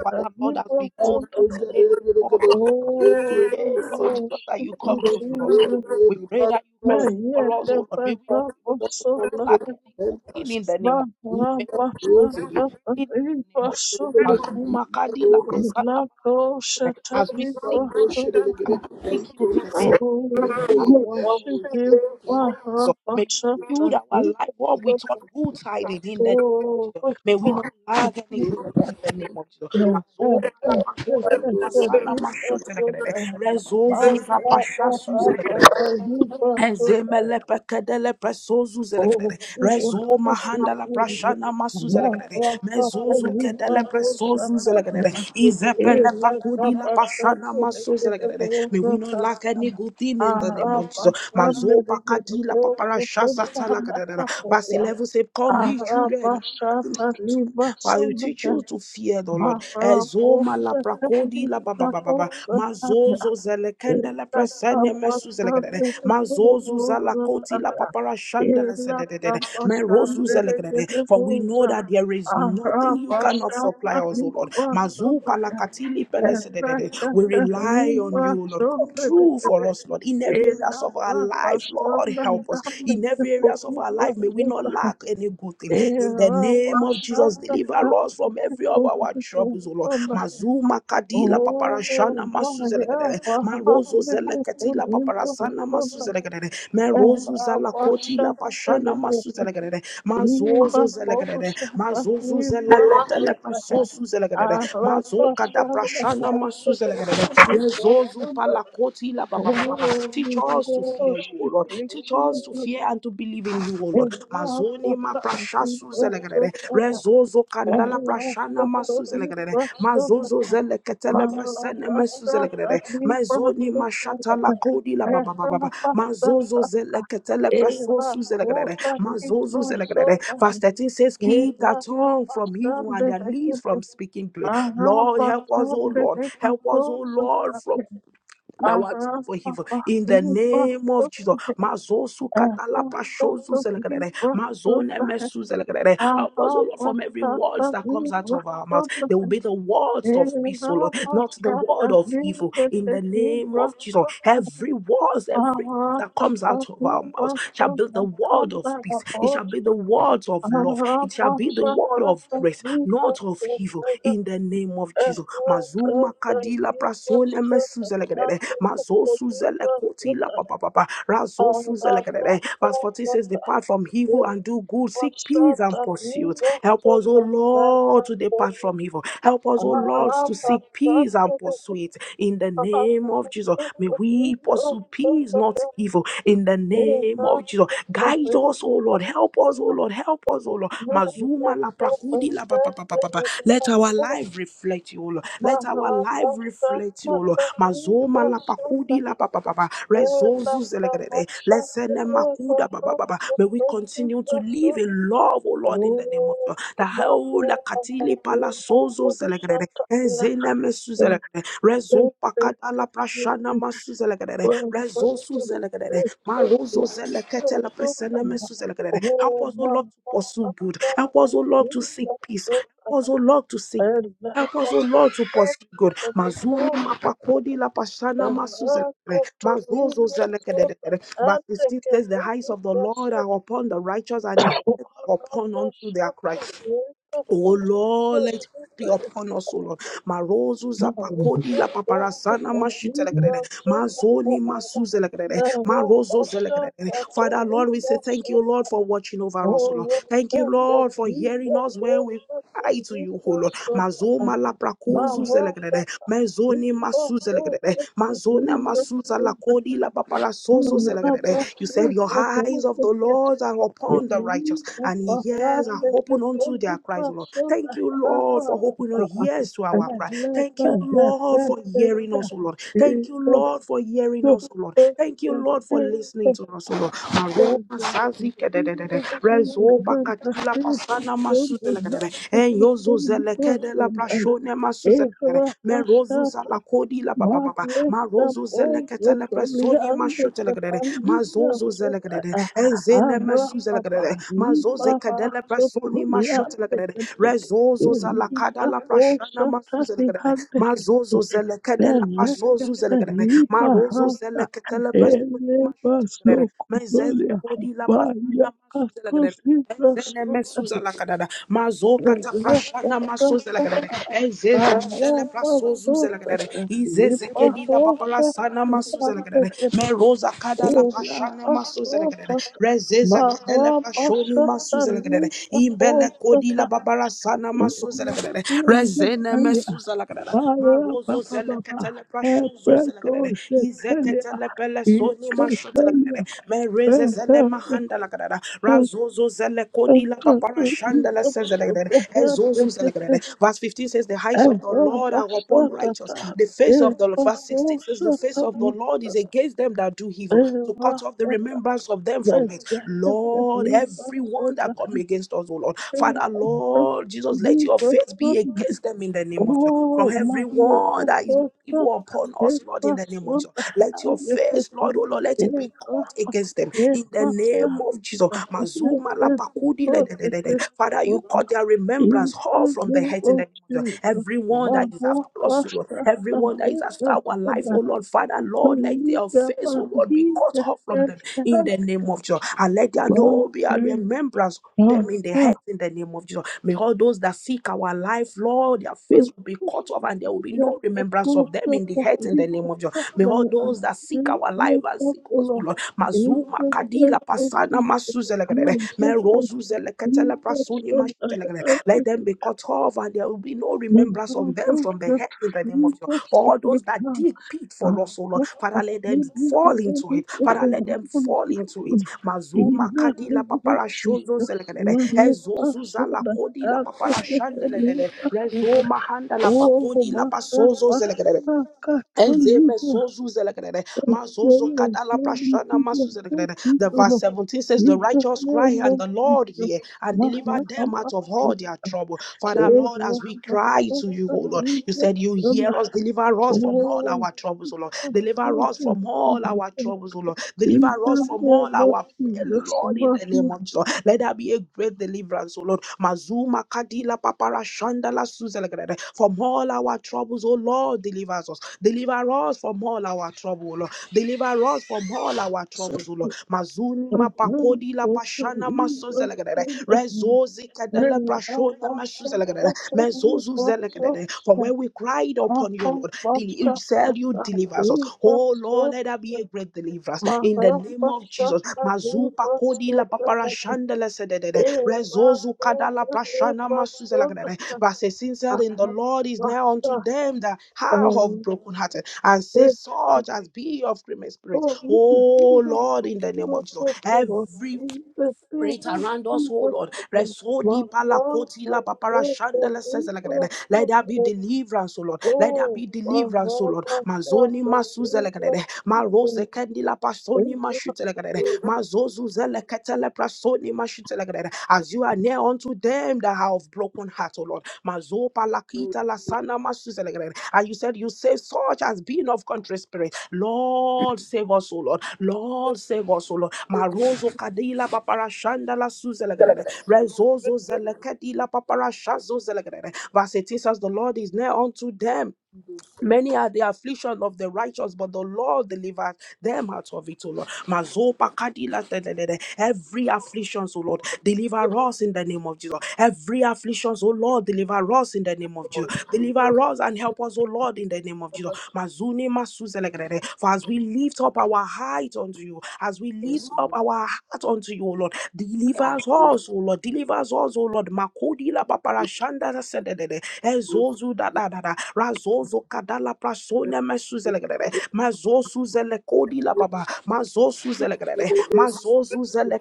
Father, Lord, as we go this day, Lord Jesus, we pray, we Lord Jesus, that worship you you, come through for us. oh. Jesus. We pray that you come May through yet for us, O the Lord. May we, we, we, we perhaps we of not the lack any good thing in the name of Jesus. May we not lack any good thing in the name of Maharabasakataribasunna Jesus. Mazuma kadila as we seek you, as Ilakoshataribasunna. we seek you this day, may we Oh, not lack we worship anything. In the you, name of Jesus, may you fill our life up with Maharabasataribasunna. all good tidings. In the name of Oh, Jesus, quick, may we oh, not lack any good thing. In the name of Jesus, my Mazo God. malapakodi, masana mashote lekelele, rezo zuza pasha suze lekelele. Ezemele pekedele pesozu zelekedede. Rezo mahanda la prashana masu zelekedede. Mezozu kedele pesozu zelekedede. Izepele pakudi la prashana masu zelekedede. May we not lack any good thing in the name of Jesus. Mazo pakadi la paparasha sata la kedede. Verse 11 say, Come ye children. Father, you teach you to fear Era the Lord. Ezoma la prakodi la ba ba ba ba ba. Mazozo zelekende la presene mesu zelekende. Mazozu zalakoti la paparashanda la sededede. Merozu zelekende. For we know that there is nothing you cannot supply us, O Lord. Mazu palakatili pele sededede. We rely on you, Lord. Come true for us, Lord. In every areas of our life, Lord, help us. In every areas of of our life, may we not lack any good thing. In the name of Jesus, deliver us from every of our troubles, O Lord. bastante Mazuma kadila Oh, what paparashana a masuzelekedere. love! Marozo This is zeleketila only for the paparasana stubborn. masuzelekedere. Merozu I wash, zalakotila and pashana it is masuzelekedere. Mazozo impossible zelekedere. to Mazozu wash away. zeleketele pasosu zelekedere. I wash, Mazoka da and it prashana is impossible masuzelekedere. to wash Rezozu away. palakotila I papapapaha. Teach us to fear wash, you, O and Lord. it Teach us to fear and to believe in you, O Lord. Mazoni ma prashasu zelegrede. is Rezozo kandala impossible prashana masu to zelegrede. wash Mazozo away. zeleketele Aha, presene mesu zelegrede. Mazoni ma shatala kodi la baba baba baba. Mazozo zeleketele presosu zelegrede. Mazozo zelegrede. Verse 13 says, Keep that tongue from evil and their lips from speaking good. Lord, help us, O Lord. Help us, O Lord, from now what for evil in the name of Jesus. Mazosu katalapa shozu zelekedere. Mazone mesu zelekedere. Help us, O Lord, from every words that comes out of our mouth. There will be the words Thank of peace, O Lord, not the word of evil. In the name of Jesus, every word, every that comes out of our mouth shall be the word of peace. It shall be the word of love. It shall be the word of grace, not of evil. In the name of Jesus. Mazuma kadila prasone mesuzelegrede. Mazosuzelekontila papapapa. Razosuzelegrede. Verse 14 says, Depart from evil and do good. Seek peace and pursuit. Help us, O Lord, to depart us from evil. Help us, O Lord, to seek peace and you. pursue it. In the Oh, name of Jesus, may we pursue peace, not evil. In the name of Jesus, guide us, O Lord. Help us, O Lord. Help us, O Lord. Mazuma la prakudi la pa pa pa pa pa pa. Let our life reflect you, O Lord. Let our life reflect you, O Lord. Mazoma la pakudi la pa pa pa pa. Rezozu Lesene makuda ba ba ba ba. May we continue to live in love, O Lord, in the name of God. The whole katili pala sozo zelegrere. Ezene mesu zelegrere. Rezo pakata la prashana masu zelegrere. Rezo su zelegrere. Marozo Thank zelekete la presene mesu zelegrere. Help us, O Lord, to pursue good. Help us, O Lord, to seek peace. Help us, O Lord, to seek Help us, O Lord, to pursue good. Mazuni mapakodi la pashana masu Mazozo zelekedededere. Verse 15 says, The eyes of the Lord are upon the righteous and his eyes are upon unto their cry. O Lord, let be upon us, O Lord. Marozu zapakodi la paparasana mashi Mazoni masu Marozo zelekedede. Father, Lord, we say thank you. you, Lord, for watching over us, O Lord. oh, Thank you, Lord, for hearing us when we I to you, O Lord. Mazoma la brakozu zelegrede. Mezoni masu zelegrede. Mazona masuza la kodi la paparasozo zelegrede. You said your eyes of the Lord are upon the righteous and his ears are open unto their cries, O Lord. Thank you, Lord, for opening your ears to our cry. Thank you, Lord, for hearing us, O Lord. Thank you, Lord, for hearing us, O Lord. Thank you, Lord, for you. listening to us, O Lord. Thank Maroma zazi kedededede. Rezoba katila pasana masuzele kedede. Enyozo zele kedela prashone masuzele kedede. Merozu zala kodi la baba baba. Marozu zele ketele presoni mashutele kedede. Mazozo zele kedede. Enzene mesuzele kedede. Mazoze kedele presoni mashutele kedede. Rezozo zala kadala prashana masuzele kedede. you. Mazozo zele kedela pasozu zele kedede. Marozo Pelekateliparata, zele ketele presoni mashutele Mezeze elebasokutolia, kodi la pasana masuze la kadada. Ezene bayakatolibrasota, mesuza la kadada mazoka ta prashana masoze la kadere pelekatata, ezeze tele prasozuze la alabasota, kadere izeze kedi la papala liparota, sana masoze la kadere talantekete, meroza kada la prashana masoze la elabasota, kadere rezeze kadele prashoni marabasota, masoze la kadere imbele kodi lipaposota, la babara sana masoze la kadere rezene elakundetalia, mesoze la kadere marozo zele barabababa, ketele prashozo zele kadere Ebredo izeketele pele Oh, soni mashote la kadere mereze my zele God. mahanda la kadere razo Ezozo zele kodi la papara shanda la sezelegede. Ezozo zelegede. Verse 15 says, The eyes of the Lord are upon righteous. The face of the Verse 16 says, The face of the Lord is against them that do evil, to cut off the remembrance of them from it. Lord, everyone that come against us, O Lord. Father, Lord, Jesus, let your face be against them in the name of Jesus. From everyone that is evil upon us, Lord, in the name of Jesus. Let your face, Lord, oh Lord, let it be caught against them in the Yes, name of Jesus. But it Mazuma la is pakudi le- de- de- de- de. Father, you what caught their remembrance in all the from the name head in the of name of Jesus. Jesus, Everyone that One is more after us, oh Lord, pastor and everyone that is it after was our in life, the oh Lord, Father, Lord, let their Malaysia face, oh of Lord, be cut Media off from and them in Health. the name of Jesus. And let there One no be a remembrance of more them in the head pastor. in the name of Jesus. May all those that seek our life, Lord, their face will be cut off and there will be That no of remembrance of them course of them the in the head in the name Malaysia of Jesus. May all Sunday and those that seek the our life Lord and of seek the us, O Lord. Lord, In Mazuma the Kadila name of Pasana Jesus. I Masuzelegere, am so happy Merozuzelegetele for Prasuni some I Mashutelegere. Let have them be cut off and there will be no Oh, remembrance of them from the head in the name of Jesus. For all those that dig pit for us, O Lord, Father, let them fall into it. Father, let them fall into it. Mazuma Kadila Papara Shozozelegere, Ezozuzala Kodila Papara Shandelegere, Rezoma Handala Pakodi La Pasozo Ezeme sozu zelekere, mazozo kadala prashana masu zelekere. The verse 17 says, The righteous cry, and the Lord hear and deliver them out of all their trouble. Father, Lord, as we cry to you, O Lord, you said you hear us, deliver us from all our troubles, O Lord. Deliver us Mahal from all our troubles, O Lord. Deliver us from all our Lord, in the name of Jesus. Let there be a great deliverance, O Lord. Mazuma Kadila Papara Shandala Suzelegrede. From all our troubles, O Lord, deliver us. Deliver us from all our trouble, O Lord. Deliver us from all our troubles, O Lord. Mazuni Mapakodi La Pashana Masuzelegrede. Rezozi Kadala Prashona Masuzelegrede. Mezozu Zelegrede. For where we cry cried upon you, Lord. Deli- You said you deliver us. Oh Lord, let there be a great deliverance in the name of Jesus. Mazupa kodi la papara shandele sedede. Rezozu kadala prashana masuzela gadede. Verse 16 said, In the Lord is now unto them that have broken hearted and save such as be of grievous spirit. Oh, we can see, Oh what other Lord, people in the name do, of Jesus, but no, every in the spirit Spirit of around us, oh Jesus Lord. Christ, Resodi my Father, palakoti la papara is the shandala leader sezelekedede. of Let the there be deliverance, O Lord. Let there oh, be I deliverance, O have Lord. myself Mazoni the leader masuzelekedede. of the Marose kendila everything. I pasoni have mashutelekedede. Mazozu zeleketele prasoni mashutelekedede. As you are near unto them that have broken broken heart, oh Lord. Mazopa lakita lasana masuselegre. And you said, You save such as being of country spirit. Lord, save us, oh Lord. Lord, save us, oh Lord. Marozo kadila paparashanda la suselegre. Rezozo zelekedi la paparashazo zelegre. Verse 18 says, The Lord is near unto them Many are the affliction of the righteous, but the Lord delivers them out of it, O Lord. Mazopa kadila te- te- te- te. Every affliction, O Lord, deliver us in the name of Jesus. Every affliction, O Lord, deliver us in the name of Jesus. Deliver us and help us, O Lord, in the name of Jesus. Mazuni masuzelegrere. For as we lift up our height unto you, as we lift up our heart unto you, O Lord, deliver us, O Lord, deliver us, O Lord. Makodi la paparashanda sedede. Ezozu da da da da mazo prasone mesuzelegrere mazo suzele la baba mazo suzelegrere mazo suzele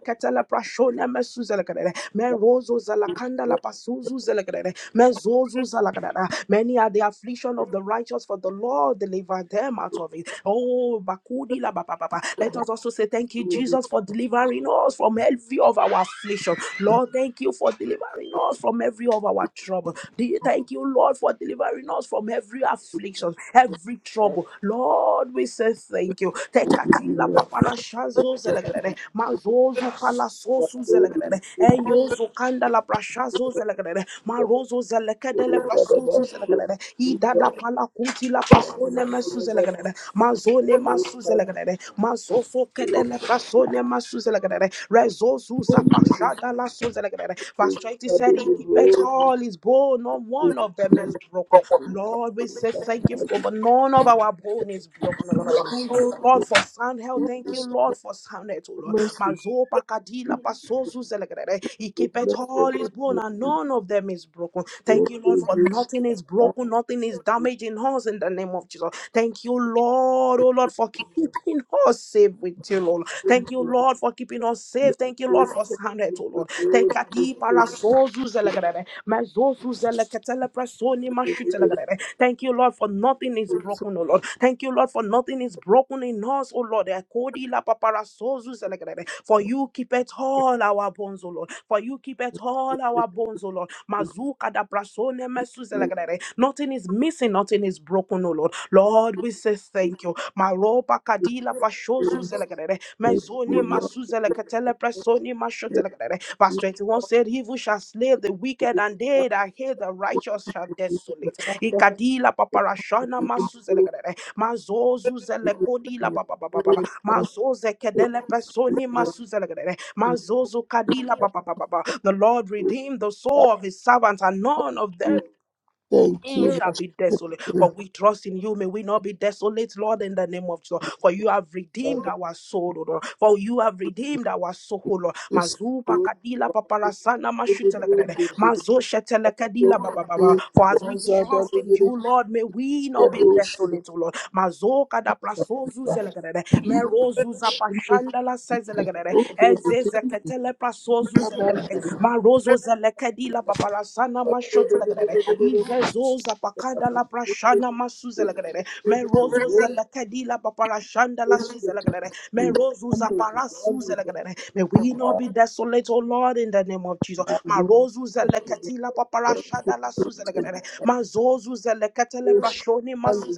prasone mesuzelegrere merozo zela la pasuzu zelegrere mezozu zalagrere many are the affliction of the righteous for the Lord deliver them out of it oh bakudi la baba baba let us also say thank you Jesus for delivering us from every of our affliction Lord, thank you for delivering us from every of our trouble. Do you thank you, Lord, for delivering us from every every affliction, every trouble. Lord, we say thank you. Tekatila papala shazo zelegrede, mazozo pala sosu zelegrede, enyozo kanda la prashazo zelegrede, marozo zelekede le prasuzu zelegrede, idada pala kuti la pasone mesu zelegrede, mazone masu zelegrede, mazoso kede le prasone masu zelegrede, rezozu zapashada la su zelegrede. Verse 20 said, he keepeth all his bone, not one of them is broken. Lord. Lord. We say thank you for, but none of our bone is broken, oh Lord. Thank you, Lord, for sound health. Thank you, Lord, for sound health, oh Lord. Mazo pakadila pasozu zelegrere. He keepeth all his bone, and none of them is broken. Thank you, Lord, for nothing is broken, nothing is damaged in us in the name of Jesus. Thank you, Lord, oh Lord, for keeping us safe with you, Lord. Thank you, Lord, for keeping us safe. Thank you, Lord, for sound health, oh Lord. Thank you, Lord, for sound health, oh Lord. Thank you, Lord, for nothing is broken, oh Lord. Thank you, Lord, for nothing is broken in us, oh Lord. Ekodi la papara sozu selekerere. For you keep it all our bones, oh Lord. For you keep it all our bones, oh Lord. Mazuka da brasone mesu selekerere. Nothing is missing, nothing is broken, oh Lord. Lord, we say thank you. Maropa kadila pashozu selekerere. Mezoni Thank masu seleketele presoni masho you. selekerere. Verse 21 said, He who shall slay the wicked and they that hate the righteous shall you, desolate ikadila paparashana masuzelekere mazozuzelekodi la we papapapapa mazozekedele pesoni masuzelekere mazozo kadila papapapapa the Lord redeemed the thank soul of his servants and none of you, them thank it you, shall worship be you, desolate. For we trust in you. May we not be desolate, Lord, in the name of Jesus. For you have redeemed Father. our soul, O Lord. For you have redeemed our soul, O Lord. This Mazupa good kadila paparasana evening, mashutelekadede. the good Mazo shetelekadila yoke babababa. For as we Azada, trust the in good you, devotion, Lord, may we the not be desolate, O Lord. Mazo kada prasozu zelekadede. Merozu zelegrere, good evening, the ezeze king, the pasozu the zelegrere, marozo zelekedi la babalasana mashotelegrere, igezo zapakada la prashana masu zelegrere, merozo zelekedi la la si good merozo zaparasu zelegrere. May we not be desolate, O Lord, in the name of Jesus. Marozo zeleketi la la su Mazozu zeleketele prashoni masu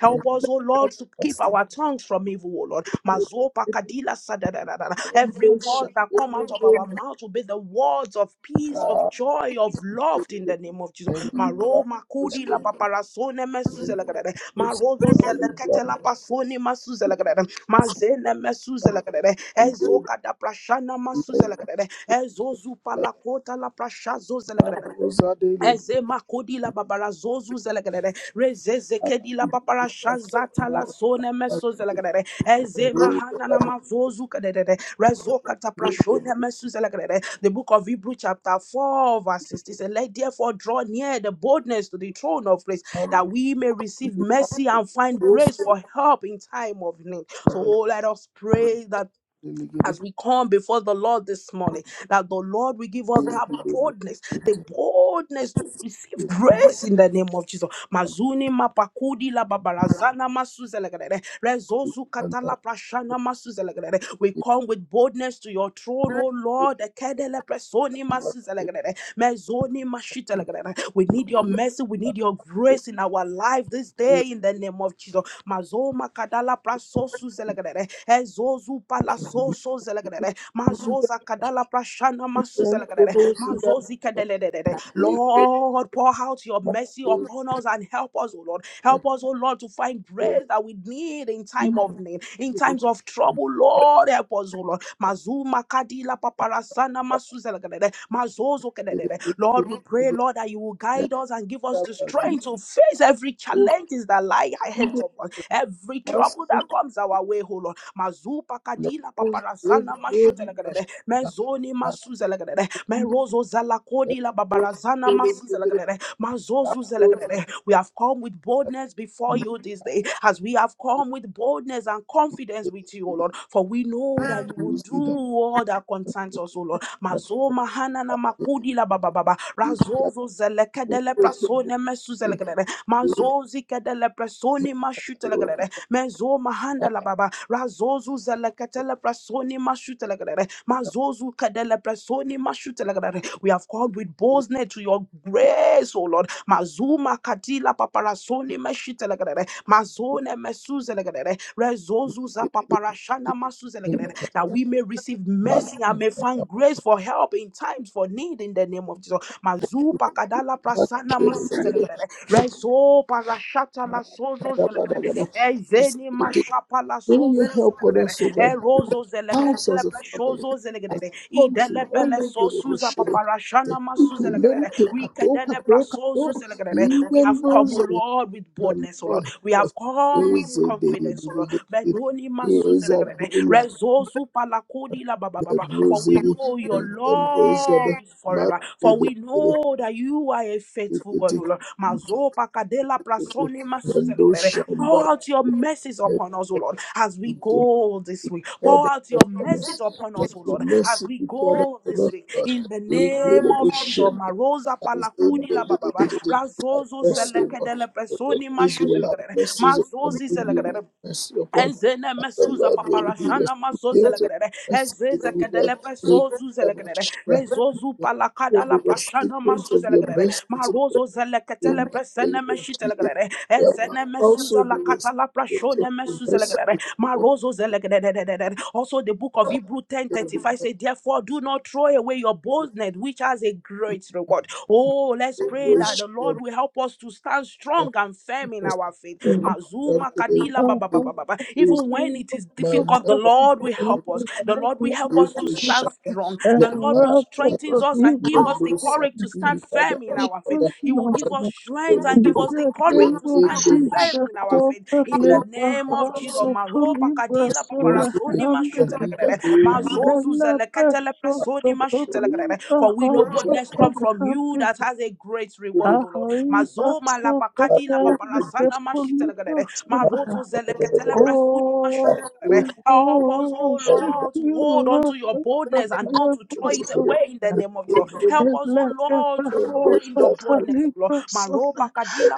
Help us, O Lord, to keep our tongues from evil, O Lord. Mazopa kadila sadadadadada. Every word that come out of our Hallelujah. mouth will be the words of peace, of joy, of love in And the name of Jesus. the that man Maro was makudi la paparasone mesu Marozo zelekete pasoni masu Mazene mesu zelekedere. Ezo prashana masu zelekedere. Ezo la prashazo a daily Ezemakodi babara zozu zelegadere. Rezezekedi la babara shazata man la zone meso zelegadere. knows Ezemahana na that mazozu kadere. Rezoka he is taprashone meso zelegadere. The book of Hebrew chapter 4 verse 60 says, Let therefore draw near the boldness to the throne of grace a that we may receive man mercy and find who is a grace person for help in time of need. So oh, let us pray that delegated as we come before the Lord this morning, that the Lord will give to us that the able boldness, to the take boldness to receive it grace in the name of Jesus. and Mazuni mapakudi la babarazana masuzelegrere, rezozu under katala prashana masuzelegrere. We it. come with boldness to your throne, O Lord. Ekedele presoni It masuzelegrere, mezoni mashitelegrere. We need your mercy, we need your grace in our life this day in the name of Jesus. Mazoma kadala zelegrere, ezozu palaso so zelegrere, mazoza kadala prashana masu then for zelegrere, those who that mazozi kedelelelele. break Lord, pour out your mercy those upon us and help us, O Lord. Help us, O Lord, to find grace and that we need in time of even need, in times of trouble, Lord, help us, O Lord. Mazuma kadila paparasana masu zelegrere, mazozo get a kedelele. Lord, we question to pray, the Lord, that you will left guide us and give us the of Thank you. strength to face every go challenge that lie ahead upon every must trouble it that comes our way, oh Lord. Mazupa let kadila those daily paparazana baby machine mashutelagadere. that Mezoni man masuzelagadere. Merozo let zalakodila those babarazana daily masuzelagadere. Mazozu that zelagadere. We have come with boldness before you this day, as we have come with boldness and confidence with you, O Lord. For we know that you will do all that concerns us, O Lord. Mazo mahana na hanana la bababa. Razozo zelekadele prasone mesu zelekedele mazozi kedele presoni mashutelegrere mezo mahanda la baba razozu zeleketele presoni mashutelegrere mazozu kedele presoni mashutelegrere we have called with boldness to your grace o lord mazuma katila paparasoni meshitelegrere mazone mesuzelegrere rezozu za paparashana masuzelegrere that we may receive mercy and may find grace for help in times for need in the name of Jesus mazu pakadala prasana masutelegrere Rezo barashata la sozo zelekere. Ezeni mashapa la Do your sozo help on zelekere. us, O God. Erozo zelekende House le as a family, preshozo as zelekere. a country, Idele one pele day we sozo will share it. The zapaparashana masu people, let it zelekere. take We a talk, a kadele talk, a prasozo talk. zelekere. In We have them come, goes O Lord, with the boldness, O Lord Lord. We help us. have come with Is a confidence, O Lord. day, Bedoni masu is a zelekere. dollar, Rezozo palakodi la baba baba. For Lebrosi we know your in the love Rosada is be forever. For we Madrid know that you are a faithful God, O Ticketic Lord. Mazopa kadela prasoni Nando masuzelegbere. Pour Shanda out your mercies upon us, O Lord, as we go this week. God Pour of out your mercies forgiveness. upon Let us, O your Lord, as mercy we be poured out go on this us, week. God. In the name Incredible of Jesus, shame. Marosa That is in the palakudi la the- the- bababa. the- the- Have Razozo mercy, Lord. zelekedele The Lord prasoni says you will have mashutelegbere. mercy upon me. Mazozi You will have mercy upon Ezene Father, mesuza Lord. We will be paparashana recipients of mazozelegrere. mercy to Ezeze the kedele Lord. We give them a presozuzelegrere. shame. Rezozu We palakada will be la prashana recipients of your masuzelegrere. mercy to the Lord. Marozo In zeleketele the name presene of Jesus. meshitelegrere. We Ezene are mesuza also la the kata la recipients of prashone your mercy to mesuzelegrere. the Marozo zelegrededededed. Also the book of Hebrew Lord. 10:35 says, Therefore, do not throw away your boldness, which has a great reward. Oh, let's pray that the liberation, Lord will help us to stand strong and firm in our faith. satisfaction, to and Mazuma today kadila ba ba ba ba ba ba. increase Even when be it is my difficult, the Lord will help us. The Lord will help us to stand liberation. strong. I'm Let The I'm Lord that will I'm strengthen kata us and give my us the Oh, lelusa courage to stand ilika da firm in Good our faith. ashada He will us, give us Lord. strength and give In elubiri us the the courage name to of stand elende in Jesus, are firm in our faith. cover In the Leba name of Jesus, elubasa Hanzo to Maro pakadila Libras and the nozuli paparasoni Handicap, eliga mashutelekere. doli eliga Mazozu and zeleketele presoni mashitelekere. for we know Hanzo boldness to comes from you that has a great doli reward, O Lord. Ahaiba Mazo so the malapakadi la ati o Handicap, paparasana mashitelegadere. Colibas Marozo zeleketele presuni Oh, mashitelegadere. we Help us, oh worship Lord, to you, hold on to Lord, your the boldness and not Leba to throw it so. elubiri away in the name of Jesus. elende Help And us, oh the Lord, to Gabahos, hold in bishite your boldness, oh Lord. the Maropakadi la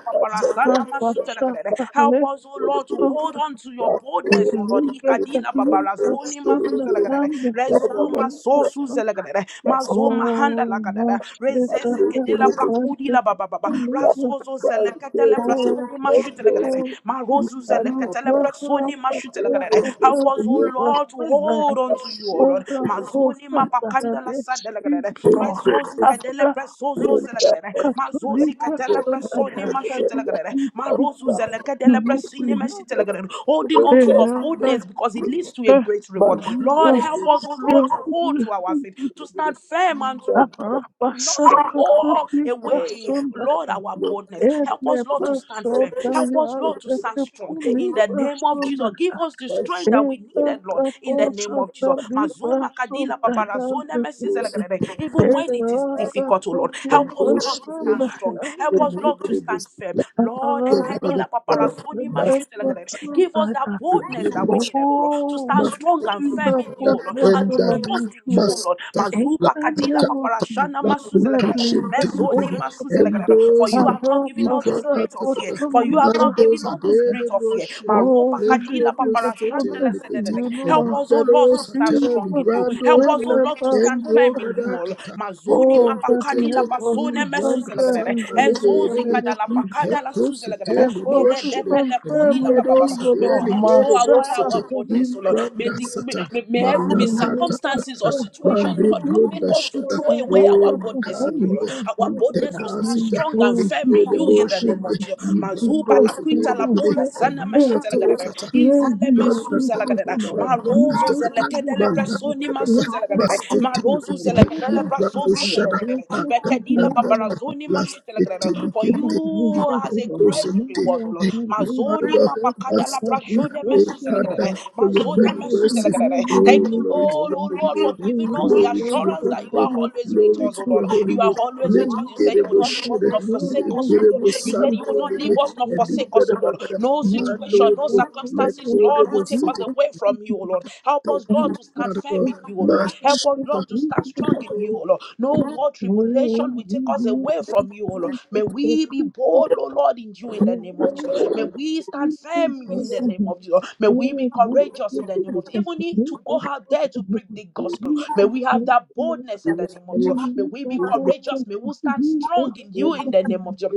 Oh, paparasana elubasa much better mashitelegadere. Help us, oh Lord, to hold on to your boldness, oh Lord. Ikadila babarazoni masutelegadere. Rezuma sosu zelegadere. Mazoma handa lakadada. Rezeze than kedela the brakudi friendship. la ba ba ba I ba. live with Razozo zelekatele all prasoni mashutelegadere. the Marozu you zelekatele were prasoni mashutelegadere. Help us, O Lord, to a Libra, hold on to you, O Lord. Mazoni Costa, mapakanda and la sadelegadere. Espino, Rezozi kadele Afra, presozo zelegadere. Mazozi Catolibra, kadele and presoni Happy, mashutelegadere. you keep Marozu zelekadele you up presini mashutelegadere. Holding on to your with boldness because it leads to a great reward. Lord, Oh, help us, O we Lord, to is hold to our faith, to stand firm and to Thank you. not to throw away, Lord, our boldness. Help us, Lord, to stand firm. Help us, Lord, to stand strong. In the name of Jesus, give us the strength that we needed, Lord. In the name of Jesus. Mazuma kadila babarazone mesizelekere. Even when it is difficult, oh Lord, help us, Lord, to stand strong. Help us, Lord, to stand firm. Master, Lord, ekadila babarazone mashitelekere. give us that boldness that we needed, oh Lord, to stand stand strong and firm that in you, O what Lord, and to national trust in issue you, O Lord. Mazupa kadila paparashana Entanavosiza masuzelagadada. maliza Mezoni osta and masuzelagadada. For those in you the have not given all the Ipra parapasa spirit of fear. Katakata, For you have kotoliba not given Mandos all the spirit of Adelebro fear. Oh, Maroba Then kadila Lendebro kushikiza Sete kone paparashandala Lekete, sededele. and yulula Help us, O Lord, Ligados to stand Atel strong in you. Jesus Librando Help us, O hele Shera, Lord, to stand and firm basata. in you, Rogada O Lord. Kata, Mazuni Oh, that he Etepetete, mapakadila help us in to pasone stand Randa firm mesuzelagadada. in Saka you Lege in the Ezozi Lege, name of kadala Jesus. pakadala Iteto Sete Help May us Lebro to that Shere, stand debele and kodi firm la in ba ba ba Ligados ba. you, Lord. May we not throw Adelegere away our Rosete, boldness, O in Lord. May Randa the may, Sata, may, may have- Thank may Malakata. circumstances or situation, Mande Lord, not make bunda us to shada throw o away our boldness in makati, you, Lord. Our inte boldness will stand kasita strong and firm mende in de you in the name boshende of Jesus. ibando Mazuba la kuita sedele la gede pola sana elika mashita la gadada. tosata Izele ibanda mesuza la tata gadada. Ma banda rozo ta, kata zele kedele banda presoni ta, kata masuza la gadada. Ma masete rozo kete zele ibando shada banda tata tata you. lasete for likete you has a great Joseph. Thank reward, O Lord. you, Mazoni Father, mapakada la Master, prashone mesu Father, zelegrere. for your Mazone many People mesu mercies. zelegrere. confusion Oh, Thank you, and glory to Lord, your miserable. oh holy Lord, for name. giving We us have the Glory to this your assurance for that holy you name. are several always with Glory pastors us, to oh your Lord. to holy You are name. always Let with us. We You have get said you a would such not leave a us bushire, nor little bit forsake let of us, get oh a Lord. the You said whole you would busando, not that leave us nor we and could the forsake us, oh Lord. Gadabagada, No not situation, Mando, leave no our faith let circumstances, with go Lord, the the will bush to take us city. people away from you, O Lord. Help us, Thank and Lord, you, to not stand Father, firm with in you, O faith Lord. with Help us, the Master. Lord, to stand people. strong in you, O Lord. No war, Oh, tribulation will we take us need away to be from you, O Lord. faith May with the we be people. bold, O Lord, in you in the We name of want Jesus. May to we stand be faith firm with in the the name people. of Jesus. May we Oh, be let's courageous get in the name of Jesus. the Even people. if We to go out want there to to be preach the faith gospel. with May we have the that people. boldness in the name of Hey, Jesus. May we be Rabba courageous. May we stand strong in you in the name of Jesus.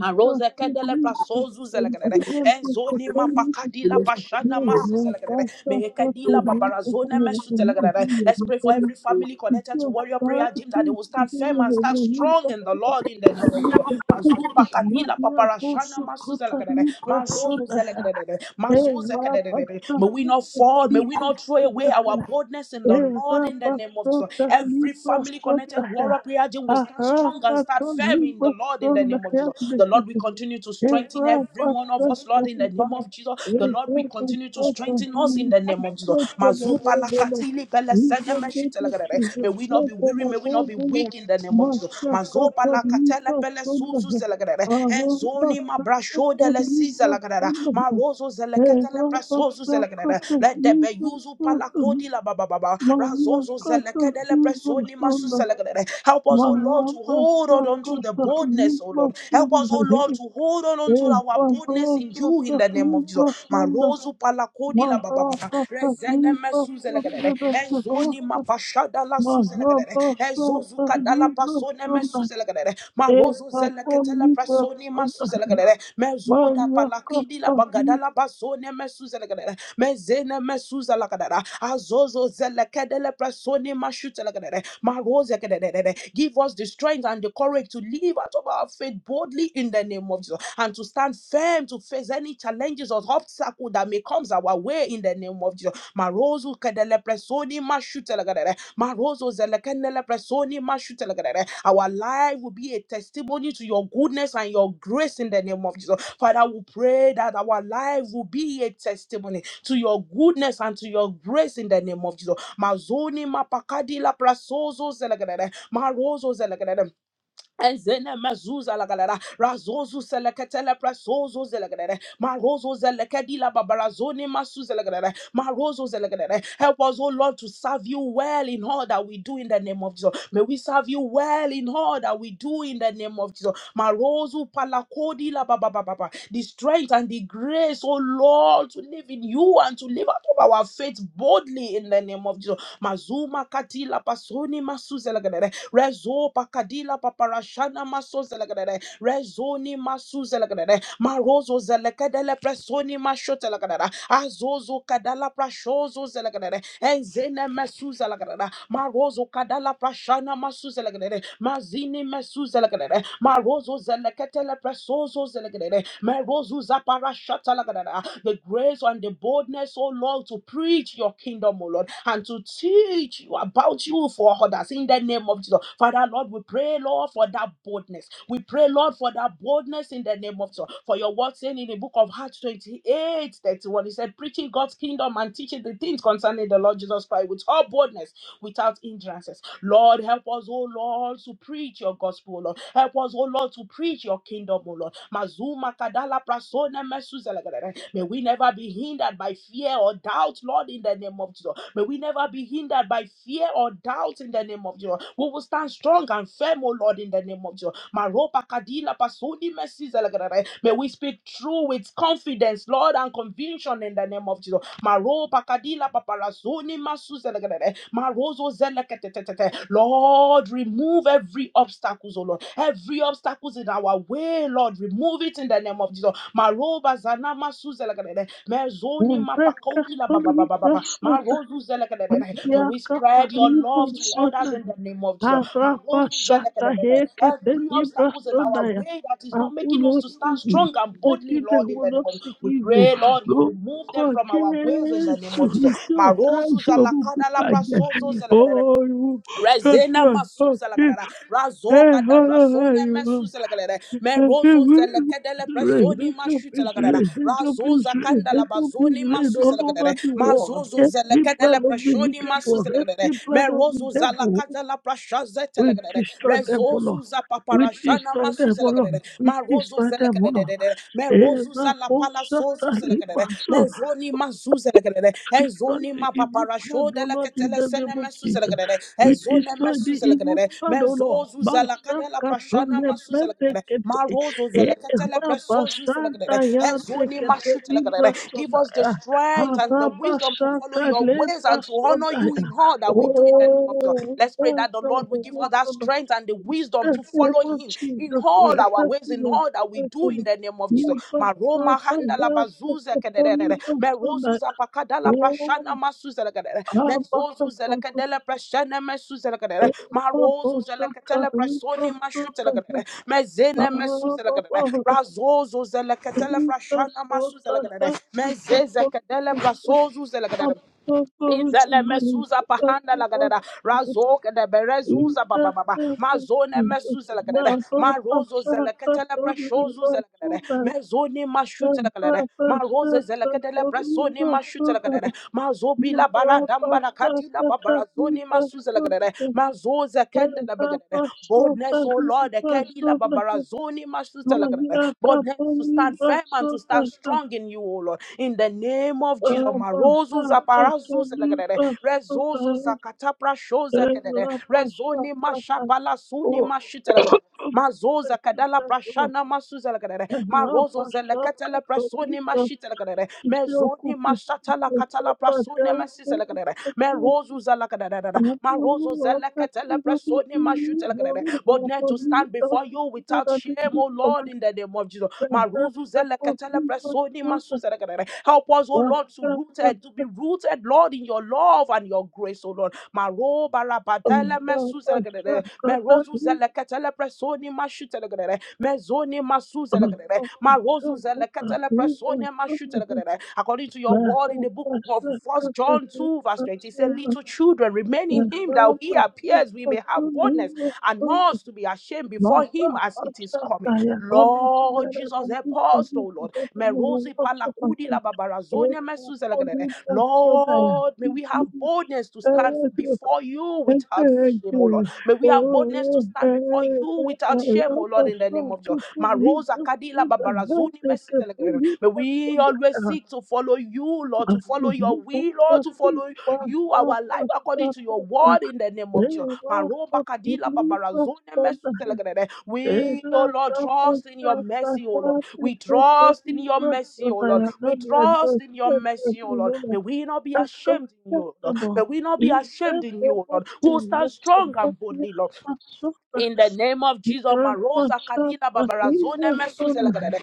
Maroza kedele prasozu zelekelele. Enzoni mapakadi la pashana masu zelekelele. Mehekedi la babarazone mesu zelekelele. Let's pray for every family connected to Warrior Prayer Gym that they will stand firm and stand strong in the Lord in the name of Jesus. Mazu pakadi paparashana masu zelekelele. Marozo zelekelele. Mazu zekelele. May we not fall. May we not throw away our boldness in the Lord in the name of Jesus. Sota Every Libra family connected Sota Warrior Prayer Gym will stand Maria strong strong and start firm in Cata the Lord in the name of Jesus. The Lord will continue to strengthen every one of us, Lord, in the name of Jesus. The Lord will continue to strengthen us in the name of Jesus. Mazupa lakatili pele sene meshi May we not be weary, may we not be weak in the name of Jesus. Mazopa lakatele pele suzu zelegerere. Enzoni mabrasho dele si zelegerere. Marozo zeleketele presozu zelegerere. Let there be yuzu palakodi la baba baba. Razozo zeleketele presozu Soni Masu Silva Salagadere. Help us, O Lord, Maria to hold on unto the boldness, O Lord. Help us, O Lord, to hold on unto our boldness in you in the name of Jesus. Marozu palakodi la baba baba. Rezene mesu zelegadere. Enzoni mapashada la su zelegadere. Enzozu kadala pasone mesu zelegadere. Marozo zeleketele prasoni masu zelegadere. Mezoda palakidi la bagadala basone mesu zelegadere. Mezene mesu zelegadere. Marozo zelekedele presoni mashutelekedede. Marozekedededede. Give us the strength and the courage to live out of our faith boldly in the name of Jesus and to stand firm to face any challenges or obstacle that may comes our way in the name of Jesus. Marozo kedele presoni mashutelekedede. Marozo zelekenele presoni mashutelekedede. Our life will be a testimony to your goodness and your grace in the name of Jesus. Father, we pray that our life will be a testimony to your goodness and to your grace in the name of Jesus. Mazoni mapakadi la prasozo zelagadada. Marozo zelagadada. Ezene mezuza lagadada. Razozu seleketele presozo zelegadada. Marozo zelekedi la babarazoni masu zelegadada. Marozo zelegadada. Help us, O Lord, to serve you well in all that we do in the name of Jesus. May we serve you well in all that we do in the name of Jesus. Marozu palakodi la babababa. The strength and the grace, O Lord, to live in you and to live out of our faith boldly in the name of Jesus mazuma kadila basoni masuzelagadere rezo bakadila paparashana masozelagadere rezoni masuzelagadere marozo zelekedele presoni mashotelagadere azozo kadala prashozo zelagadere enzene masuzelagadere marozo kadala prashana masuzelagere mazini mesuzelagere marozo zeleketele presozo zelagere merozo zaparashata lagere the grace and the boldness oh Lord to preach your kingdom oh Lord and to teach you about you for others in the name of Jesus Father Lord we pray Lord for that boldness we pray Lord for that boldness in the name of Jesus for your word saying in the book of Acts 28 31, he said preaching God's kingdom and teaching the things concerning the Lord Jesus Christ with all boldness without hindrances. Lord, help us, oh Lord, to preach your gospel, oh Lord. Help us, oh Lord, to preach your kingdom, oh Lord. Mazuma kadala prasona mesuzelegadere. May we never be hindered by fear or doubt, Lord, in the name of Jesus. May we never be hindered by fear or doubt in the name of Jesus. We will stand strong and firm, oh Lord, in the name of Jesus. Maropa kadila pasoni mesuzelegadere. May we speak true with confidence, Lord, and conviction in the name of Jesus. Maro pakadila paparazoni masuzelegede. Marozo zeleketetetete. Lord, remove every obstacles, oh Lord. Every obstacles in our way, Lord, remove it in the name of Jesus. Maroba zanama suzelegede. Mezoni mapakodi la baba baba baba. Marozo May we spread your Capalibo love to others Sonda, in the name of Jesus. Arabashata Marozuzelekadadada. hekete Every obstacles in our libratodaya. way that is I not making will us not to see stand you. strong and I boldly, think I Lord, in will the name not of Jesus. see we you. pray, Lord, you Lord remove them God, from our ways in the name of Jesus, we Jesus. shout out your goodbye. Oh, you are Rezena not masuza la happy. galera, Eh, razoka da oh, brasone you mesuza la galera, are. merozo zele kedele presoni Let your mashuta la peace galera, reign. Let your peace razoza reign. kanda la Let your peace bazoni reign masuza all la over galera, the world. mazozo zele Every plan kedele of the presoni wicked one, masuza la galera, every plan of the merozo zala devil, kada la prashaze la we galera, destroy them, O Lord. rezozo za We paparashana destroy them, masuza O la galera, Lord. We marozo destroy zele them, O Lord. kedele, merozo Ela zala poxa palasozo talibação. Mezoni mazuzelegrede. Destroy Ezoni the evil plan, O Lord, in mapaparashodeleketele the sene name of Jesus. mesuzelegrede. We Ezone destroy the evil mesuzelegrede. plan, O Lord. Mezozuzalakada la Masakato prashana lebede masuzelegrede. kete. Marozozeleketele Ela presozuzelegrede. basanta yande Ezoni kete mashutelegrede. Give us the librasonaya. strength and the wisdom to follow Harabasanta your ways and to honor you lebrasonaya. in all that we do in the name of Jesus. Oh, Let's pray we that the thank Lord will you, give us O that Lord strength and the wisdom the wisdom to name follow of him in Jesus, we all our have ways, in been all that we do in affected. the name of Jesus. You so Maroma that handa la that bazuza the only kederere. person Merozuza pakadala prashana oh, masuza lekederere. I'm not the Mezozuza focus. lekedele prashana mesuza lekederere. Papa Marozuza Shaka, leketele you prashoni so mashuta that the lekederere. Mezene mesuza lekederere. Baba, Razozuza leketele you prashana so masuza lekederere. that Mezeze kedele prasozuza that lekederere. the only Izele person I'm going mesuza to go. pahanda I'm lagadada going to razoke de in berezuza baba the baba name of mazone Jesus, mesuza lagadada my Papa marozo Shaka, zelekete le preshozu zelagadada only mezoni mashute lagadada Rapashaka, maroze zelekete le presoni mashute lagadada mazobi la bala damba la kadila babara zoni masuza lagadada mazoze kende la bagadada boldness oh lord ekedi la babara zoni mashute lagadada hands to stand firm and to stand strong in you, O Lord. In the name of Jesus. Marozu zaparazu zelegrere, rezozo zakatapra shozekedere, rezoni mashabala suni mashitelegere. Mazoza kadala prashana masuzelegrere, marozo zeleketele prasoni mashitelegere, mezoni mashatala katala prasoni masizelegrere, merozu zelekadere, Mata, marozo Acha, Rakatalaprasone to stand before you without shame, oh Lord, in the name of Jesus. Maruzu zelakatalaprasone masuzalakarere. Help us, oh Lord, to rooted, to be rooted, Lord, in your love and your grace, oh Lord. Maro barabadele mesuzalakarere. Merozu zelakatalaprasone mashutalakarere. Mezoni masuzalakarere. Marozu zelakatalaprasone mashutalakarere according to your word in the book of First John 2, verse 20. It says, Little children, remain in him that he appears, we may have boldness and not to be ashamed before him as it is coming. Daya, all these things Lord that are Jesus, help happening for us, me to oh Lord. get in Merosi the palakudi la Thank babarazonia mesuzelagadere. Lord, may we have boldness to stand before you without shame, oh Lord. May we have boldness to stand before you without Shame, oh Lord, in the name of Jesus. Marosa Kadila Babarazuni Mercy. May we always seek to follow you, Lord, to follow your will, Lord, to follow you, our life according to your word you. in the name of Jesus. Maroba Kadila Babarazuni Mercy. We, oh Lord, trust in your mercy, oh Lord. We trust in your mercy, oh Lord. We trust in your mercy, oh Lord. May we not be ashamed in you, oh Lord. May Acceptable. we not be ashamed in you, oh Incredible Lord. We'll stand serious strong but and you boldly, Lord. have suffered In the name of Jesus, your Marosa person Kadina that you Babarazona were so mad. Mesuzelagade,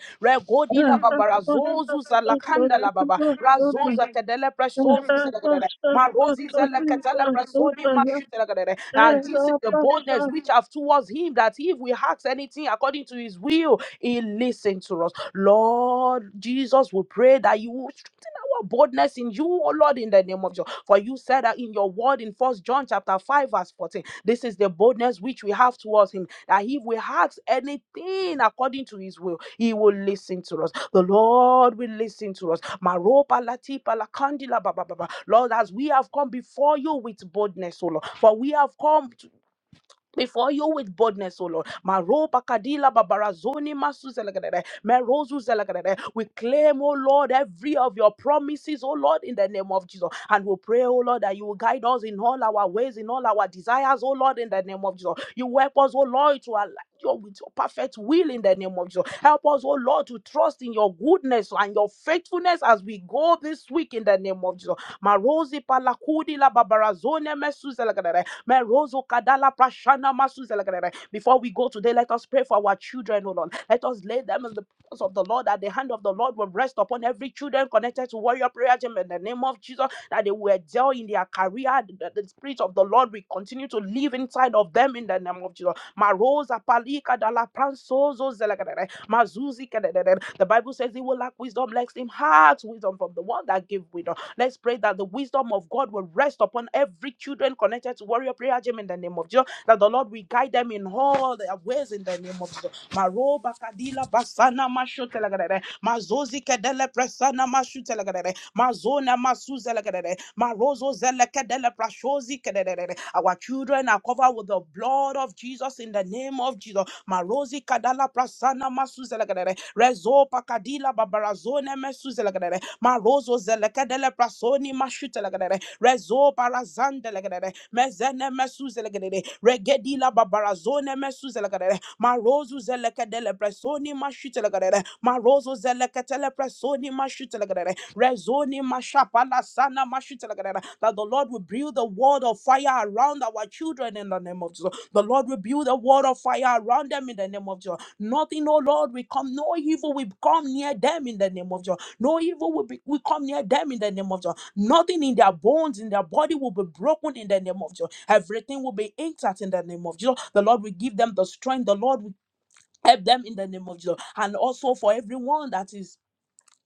I Regodila have not Babarazozu suffered Zalakanda La it Baba, was so mad. Razoza Kadele I Presozu have not Zelagade, suffered Marosi it Zelakatele was so Presoni mad. Mashutelagade. I And have this is the not boldness which have towards him that if we ask anything according to his will, he listens to us. Lord Jesus, we pray that you will strengthen our boldness in you, O Lord, in the name of Jesus. For you said that in your word in First John chapter 5, verse 14. This is the boldness which we have towards Him that if we ask anything according to His will, He will listen to us. The Lord will listen to us. Maropa latipa la kandila ba ba ba ba. Lord, as we have come before you with boldness, O Lord, for we have come before you with boldness, O Lord. Maroba kadila babarazoni masu zelagadede, merozu zelagadede. We claim, O Lord, every of your promises, O Lord, in the name of Jesus. And we pray, O Lord, that you will guide us in all our ways, in all our desires, O Lord, in the name of Jesus. You help us, O Lord, to align your with your perfect will in the name of Jesus. Help us, O Lord, to trust in your goodness and your faithfulness as we go this week in the name of Jesus. Marozi palakudi la babarazone mesu zelagadede. Merozo kadala prashana masuzelagadere. Before we go today, let us pray for our children, O Lord. Let us lay them in the presence of the Lord, that the hand of the Lord will rest upon every children connected to Warrior Prayer Gym in the name of Jesus, that they will excel in their career, that the Spirit of the Lord will continue to live inside of them in the name of Jesus. Marosa palika dala pransozo zelagadere. Mazuzi kededede. The Bible says he will lack wisdom, let him have wisdom from the one that gave wisdom. Let's pray that the wisdom of God will rest upon every children connected to Warrior Prayer Gym in the name of Jesus. That the Lord will guide them in all their ways in the name of Jesus. Maro bakadila basana mashotelagade. Mazozi kedele presana mashu telegadere. Mazona masuza lagadere. Marozo zelekadele prashozi kadere. Our children are covered with the blood of Jesus in the name of Jesus. Marozi kadala prasana masuza lagadere. Rezo pakadila babarazone mesuza lagadere. Marozo zelekadele prasoni mashuta lagadere. Rezo barazande lagadere. Mezene mesuza lagadere. Manda babarazone mesu zelekadere. Marozu zelekadele presoni mashitelekadere. Marozo zelekatele presoni mashitelekadere. Rezoni mashapala sana mashitelekadere. That the Lord will build the wall of fire around our children in the name of Jesus. The Lord will build a wall of fire around them in the name of Jesus. Nothing, oh Lord, we come, no evil will come near them in the name of Jesus. No evil will, be, will come near them in the name of Jesus. Nothing in their bones, in their body will be broken in the name of Jesus. Everything will be intact in the name of Jesus. The Lord will give them the strength. The Lord will help them in the name of Jesus. And also for everyone that is.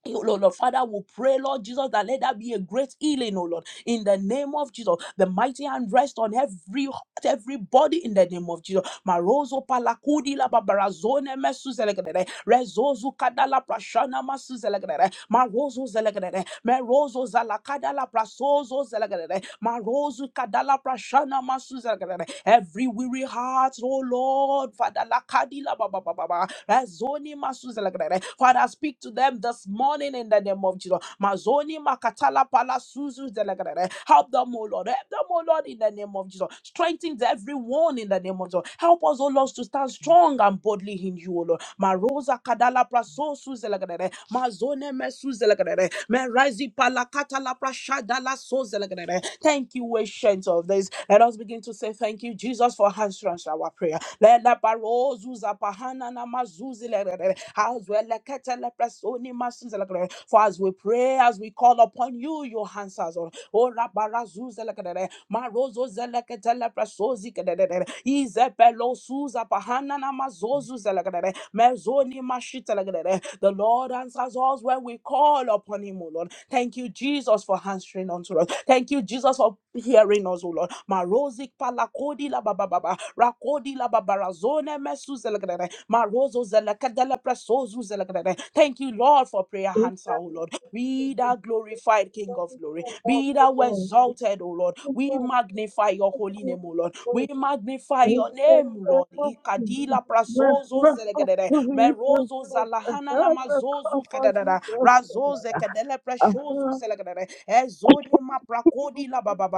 ill, Oh Lord, Father, we pray, Lord Jesus, that let that be a great healing, oh Lord, in the name of Jesus. The mighty hand rest on every heart, every body in the name of Jesus. Marozo palakudi la babarazone mesu selekede rezozu kadala prashana masu zelegrere marozo zelegrere merozo zala kadala prasozo zelegrere marozu kadala prashana masu zelegrere every weary heart oh lord father la kadila baba baba rezoni masu zelegrere father speak to them this morning in the name of Jesus mazoni makatala pala suzu zelegrere help them oh lord help them oh lord in the name of Jesus strengthen everyone in the name of diamonds, Lord. Help us, O Lord, to stand strong and boldly in you, O Lord. Marosa kadala praso suzelagadere. Mazone me suzelagadere. Merazi palakata la prashada la sozelagadere. Thank you, ancient of this. Let us begin to say thank you, Jesus, for answering our prayer. Let la barozu zapahana na mazuzelagadere. As well, lekete le presoni masuzelagadere. For as we pray, as we call upon you, your answers, Lord. Oh, zuzalakadere, marozo zeleketele prasozi kedere, izepelo suza pahanana mazozu zelekadere, mezoni mashitelekadere. The Lord answers us when we call upon him, O Lord. Thank you, Jesus, for answering unto us. Thank you, Jesus, for hearing us, O Lord. Marozik palakodi la baba baba, rakodi la babarazone mesu zelekadere, marozo zelekadele prasozu zelekadere. Thank you, Lord, for prayer answer, O Lord. Be thou glorified, King of glory. Be thou suffered exalted, O Lord. it We magnify your was so holy name, O Lord. mad. We magnify Thank your name, O Lord. Ikadila prasozo zelegedede. Merozo zalahana namazozu kadadada. Razoze kedele preshozu zelegedede. Ezode maprakodi la baba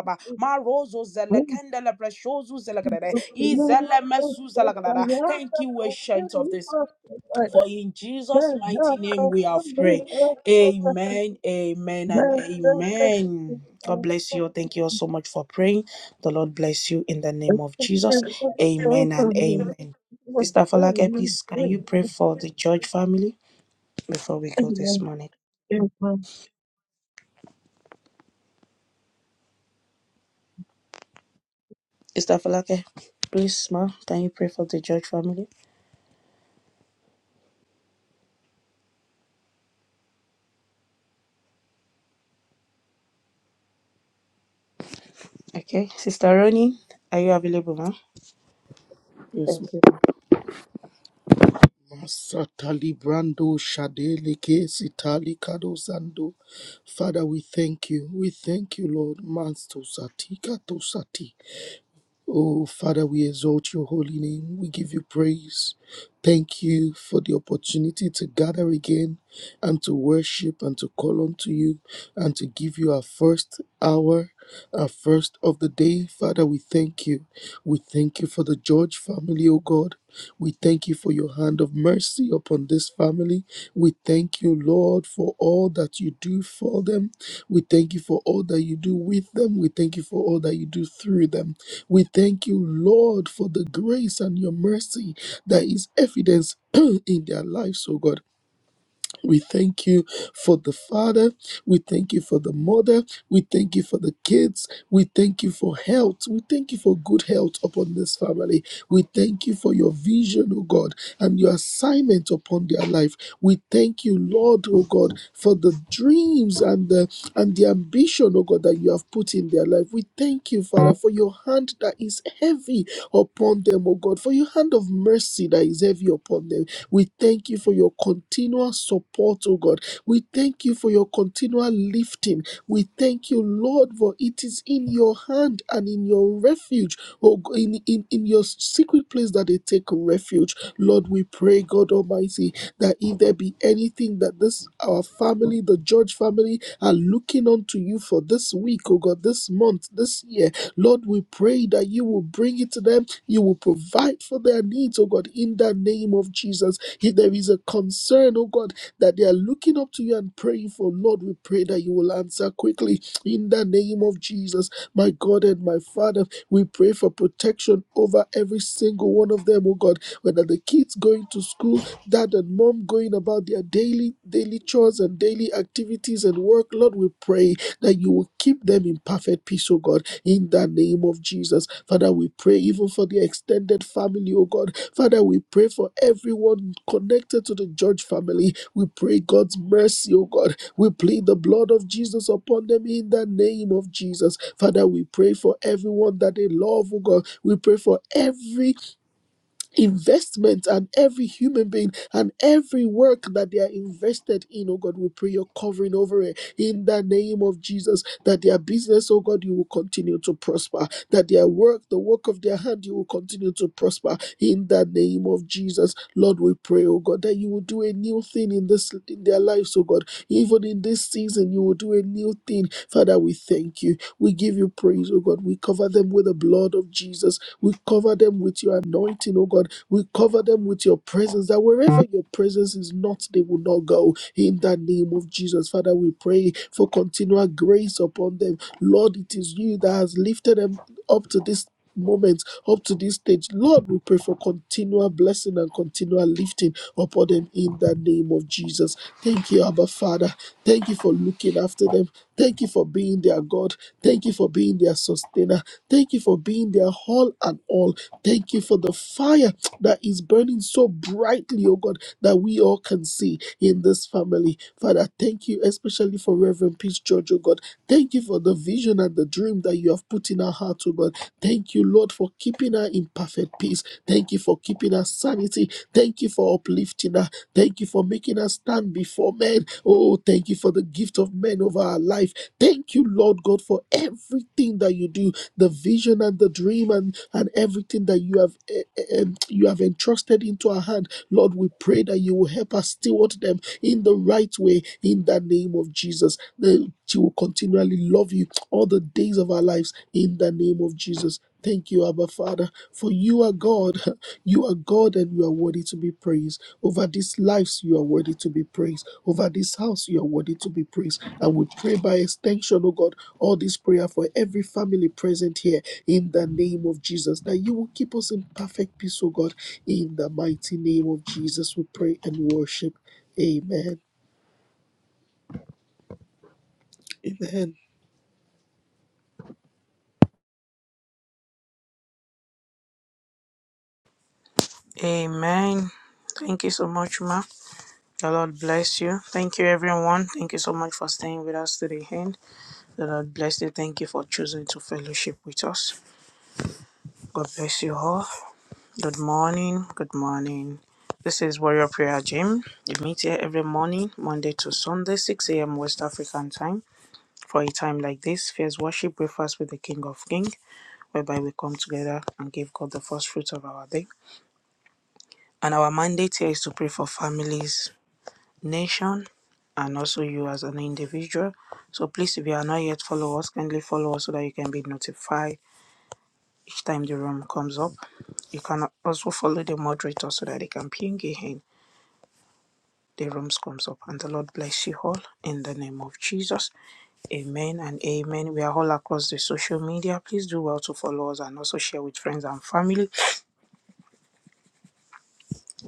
Marozo zelekendele preshozu zelegedede. Izele mesu zelegedada. Thank you, ancient of this for in Jesus' mighty name we have prayed. Amen, amen, and amen. God bless you. Thank you all so much for praying. The Lord bless you in the name of Jesus. Amen and amen. Sister Falake, please, can you pray for the George family before we go this morning? you. Sister Falake, please, ma, can you pray for the George family? Okay. Sister Ronnie, are you available, ma? Yes, Thank you, ma. Masatali Brando Shadele Sitali Kado Zando. Father, we thank you. We thank you, Lord. Mansto Satika to sati. Oh, Father, we exalt your holy name. We give you praise. Thank you for the opportunity to gather again and to worship and to call unto you and to give you our first hour, our first of the day. Father, we thank you. We thank you for the George family, oh God. We thank you for your hand of mercy upon this family. We thank you, Lord, for all that you do for them. We thank you for all that you do with them. We thank you for all that you do through them. We thank you, Lord, for the grace and your mercy that is evidence in their lives, oh God. We thank you for the father. We thank you for the mother. We thank you for the kids. We thank you for health. We thank you for good health upon this family. We thank you for your vision, oh God, and your assignment upon their life. We thank you, Lord, oh God, for the dreams and the and the ambition, oh God, that you have put in their life. We thank you, Father, for your hand that is heavy upon them, oh God, for your hand of mercy that is heavy upon them. We thank you for your continual support, oh God. We thank you for your continual lifting. We thank you, Lord, for it is in your hand and in your refuge, oh, g- in, in, in your secret place that they take refuge. Lord, we pray, God Almighty, that if there be anything that this, our family, the George family, are looking unto you for this week, oh God, this month, this year, Lord, we pray that you will bring it to them. You will provide for their needs, oh God, in the name of Jesus. If there is a concern, oh God, that they are looking up to you and praying for, Lord, we pray that you will answer quickly in the name of Jesus, my God and my Father, we pray for protection over every single one of them, oh God. Whether the kids going to school, dad and mom going about their daily daily chores and daily activities and work, Lord, we pray that you will keep them in perfect peace, oh God. In the name name of Jesus. Father, we pray even for the extended family, oh God. Father, we pray for everyone connected to the George family. We pray God's mercy, oh God. We plead the blood of Jesus upon them in the name of Jesus. Father, we pray for everyone that they love, oh God. We pray for every investment and every human being and every work that they are invested in, oh God, we pray your covering over it in the name of Jesus. That their business, oh God, you will continue to prosper. That their work, the work of their hand, you will continue to prosper in the name of Jesus. Lord, we pray, oh God, that you will do a new thing in this in their lives, oh God even in this season, you will do a new thing. Father, we thank you. We give you praise, oh God. We cover them with the blood of Jesus. We cover them with your anointing, oh God. We cover them with your presence, that wherever your presence is not, they will not go. In the name of Jesus, Father, we pray for continual grace upon them. Lord, it is you that has lifted them up to this moment up to this stage. Lord, we pray for continual blessing and continual lifting upon them in the name of Jesus. Thank you, Abba Father. Thank you for looking after them. Thank you for being their God. Thank you for being their sustainer. Thank you for being their all and all. Thank you for the fire that is burning so brightly, oh God, that we all can see in this family. Father, thank you, especially for Reverend Peace George, oh God. Thank you for the vision and the dream that you have put in our heart, oh God. Thank you, Lord, for keeping her in perfect peace. Thank you for keeping her sanity. Thank you for uplifting her. Thank you for making her stand before men. Oh, thank you for the gift of men over her life. Thank you, Lord God, for everything that you do, the vision and the dream and, and everything that you have eh, eh, em, you have entrusted into our hand. Lord, we pray that you will help us steward them in the right way in the name of Jesus. That she will continually love you all the days of our lives in the name of Jesus. Thank you, Abba Father, for you are God. You are God and you are worthy to be praised. Over these lives, you are worthy to be praised. Over this house, you are worthy to be praised. And we pray by extension, oh God, all this prayer for every family present here in the name of Jesus, that you will keep us in perfect peace, oh God. In the mighty name of Jesus, we pray and worship. Amen. Amen. Amen. Thank you so much, ma. The Lord bless you. Thank you, everyone. Thank you so much for staying with us to the end. The Lord bless you. Thank you for choosing to fellowship with us. God bless you all. Good morning. Good morning. This is Warrior Prayer Gym. We meet here every morning, Monday to Sunday, 6 a.m. West African time. For a time like this, fierce worship breakfast with the King of Kings, whereby we come together and give God the first fruits of our day. And our mandate here is to pray for families, nation and also you as an individual. So please, if you are not yet follow us, kindly follow us so that you can be notified each time the room comes up. You can also follow the moderator so that they can ping you in the rooms comes up. And the Lord bless you all in the name of Jesus. Amen and amen. We are all across the social media. Please do well to follow us and also share with friends and family.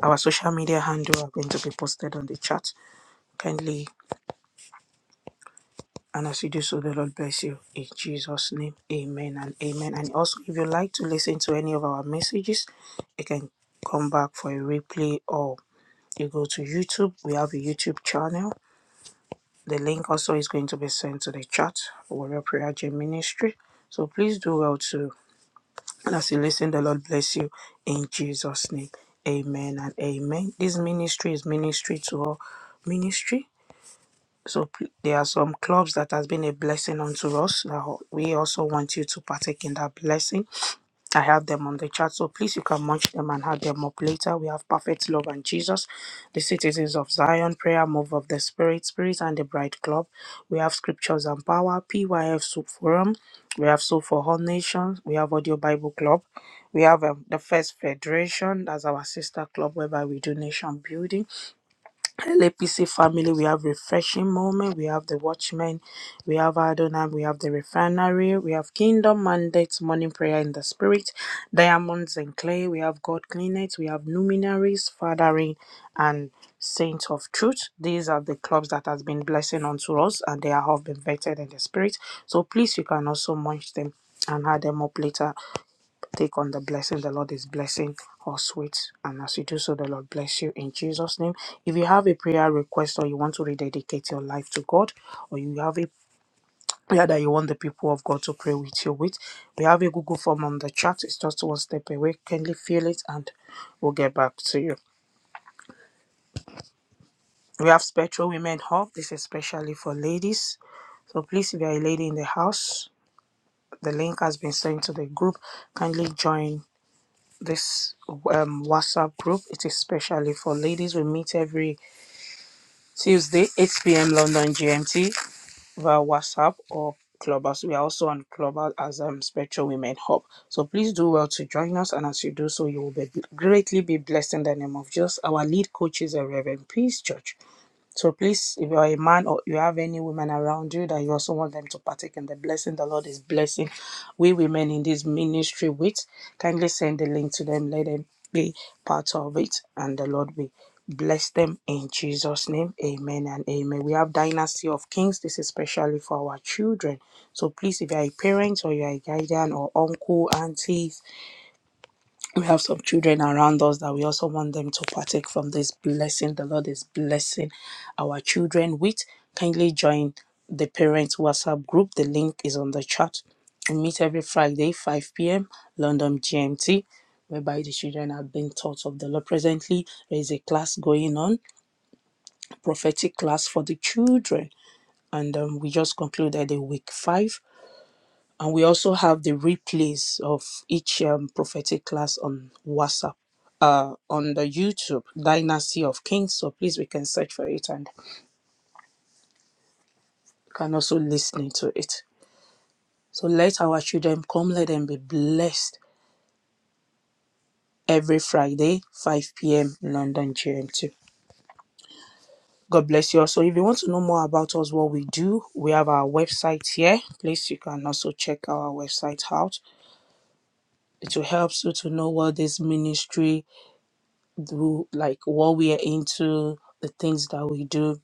Our social media handle are going to be posted on the chat. Kindly And as you do so, the Lord bless you. In Jesus' name, amen and amen. And also, if you like to listen to any of our messages, you can come back for a replay or you go to YouTube. We have a YouTube channel. The link also is going to be sent to the chat, Warrior Prayer Gym Ministry. So please do well to, and as you listen, the Lord bless you in Jesus' name. Amen and amen. This ministry is ministry to all ministry so p- there are some clubs that has been a blessing unto us. Now we also want you to partake in that blessing. I have them on the chat, so please you can munch them and have them up later. We have Perfect Love and Jesus, the Citizens of Zion, Prayer Move of the Spirit, Spirit and the Bride Club. We have Scriptures and Power, PYF Soup Forum. We have Soul for All Nations. We have Audio Bible Club. We have um, the First Federation, that's our sister club whereby we do nation building. LAPC family, we have refreshing moment, we have the watchmen, we have Adonai, we have the refinery, we have kingdom mandates, morning prayer in the spirit, diamonds and clay, we have God clean we have luminaries, fathering, and saints of truth. These are the clubs that has been blessing unto us, and they have been vetted in the spirit. So please, you can also munch them and add them up later Take on the blessing the Lord is blessing us with. And as you do so, the Lord bless you in Jesus' name. If you have a prayer request or you want to rededicate your life to God, or you have a prayer that you want the people of God to pray with you with, we have a Google form on the chat. It's just one step away. Kindly fill it and we'll get back to you. We have Spectral Women Hub. This is especially for ladies. So please, if you're a lady in the house, the link has been sent to the group. Kindly join this um, WhatsApp group. It is specially for ladies. We meet every Tuesday, 8 p.m. London GMT via WhatsApp or Clubhouse. We are also on Clubhouse as um, Spectral Women Hub. So please do well to join us. And as you do so, you will be greatly be blessed in the name of Jesus, our lead coaches, and Reverend Peace Church. So please, if you are a man or you have any women around you that you also want them to partake in the blessing, the Lord is blessing we women in this ministry with, kindly send the link to them. Let them be part of it, and the Lord will bless them in Jesus' name. Amen and amen. We have Dynasty of Kings. This is especially for our children. So please, if you are a parent or you are a guardian or uncle, auntie, we have some children around us that we also want them to partake from this blessing the lord is blessing our children with kindly join the parents whatsapp group the link is on the chat we meet every friday 5 p.m london gmt whereby the children are being taught of the lord presently there is a class going on prophetic class for the children and um, we just concluded a week five and we also have the replays of each um, prophetic class on WhatsApp, uh, on the YouTube, Dynasty of Kings. So please, we can search for it and you can also listen to it. So let our children come, let them be blessed every Friday, 5 p.m. London GMT. God bless you. Also, if you want to know more about us, what we do, we have our website here. Please, you can also check our website out. It will help you to know what this ministry do like what we are into, the things that we do.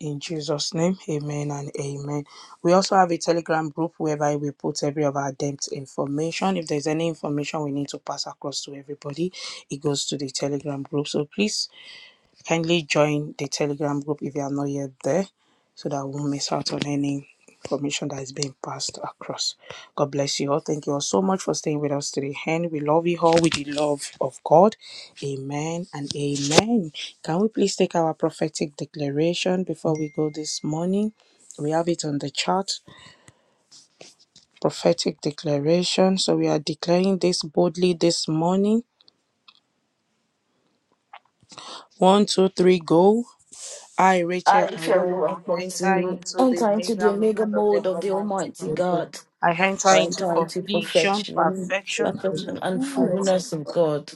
In Jesus' name, amen and amen. We also have a Telegram group whereby we put every of our debt information. If there's any information we need to pass across to everybody, it goes to the Telegram group. So please Kindly join the Telegram group if you are not yet there so that we won't miss out on any information that is being passed across. God bless you all. Thank you all so much for staying with us today. And we love you all with the love of God. Amen and amen. Can we please take our prophetic declaration before we go this morning? We have it on the chart. Prophetic declaration. So we are declaring this boldly this morning. One, two, three, go. I, Rachel, I I feel will you are blessing enter me. into the Enter into the mega meal omega of the mode of the Almighty Almighty God. God. I enter I into enter into completion, perfection, perfection, and the perfection and fullness of fullness of God. God.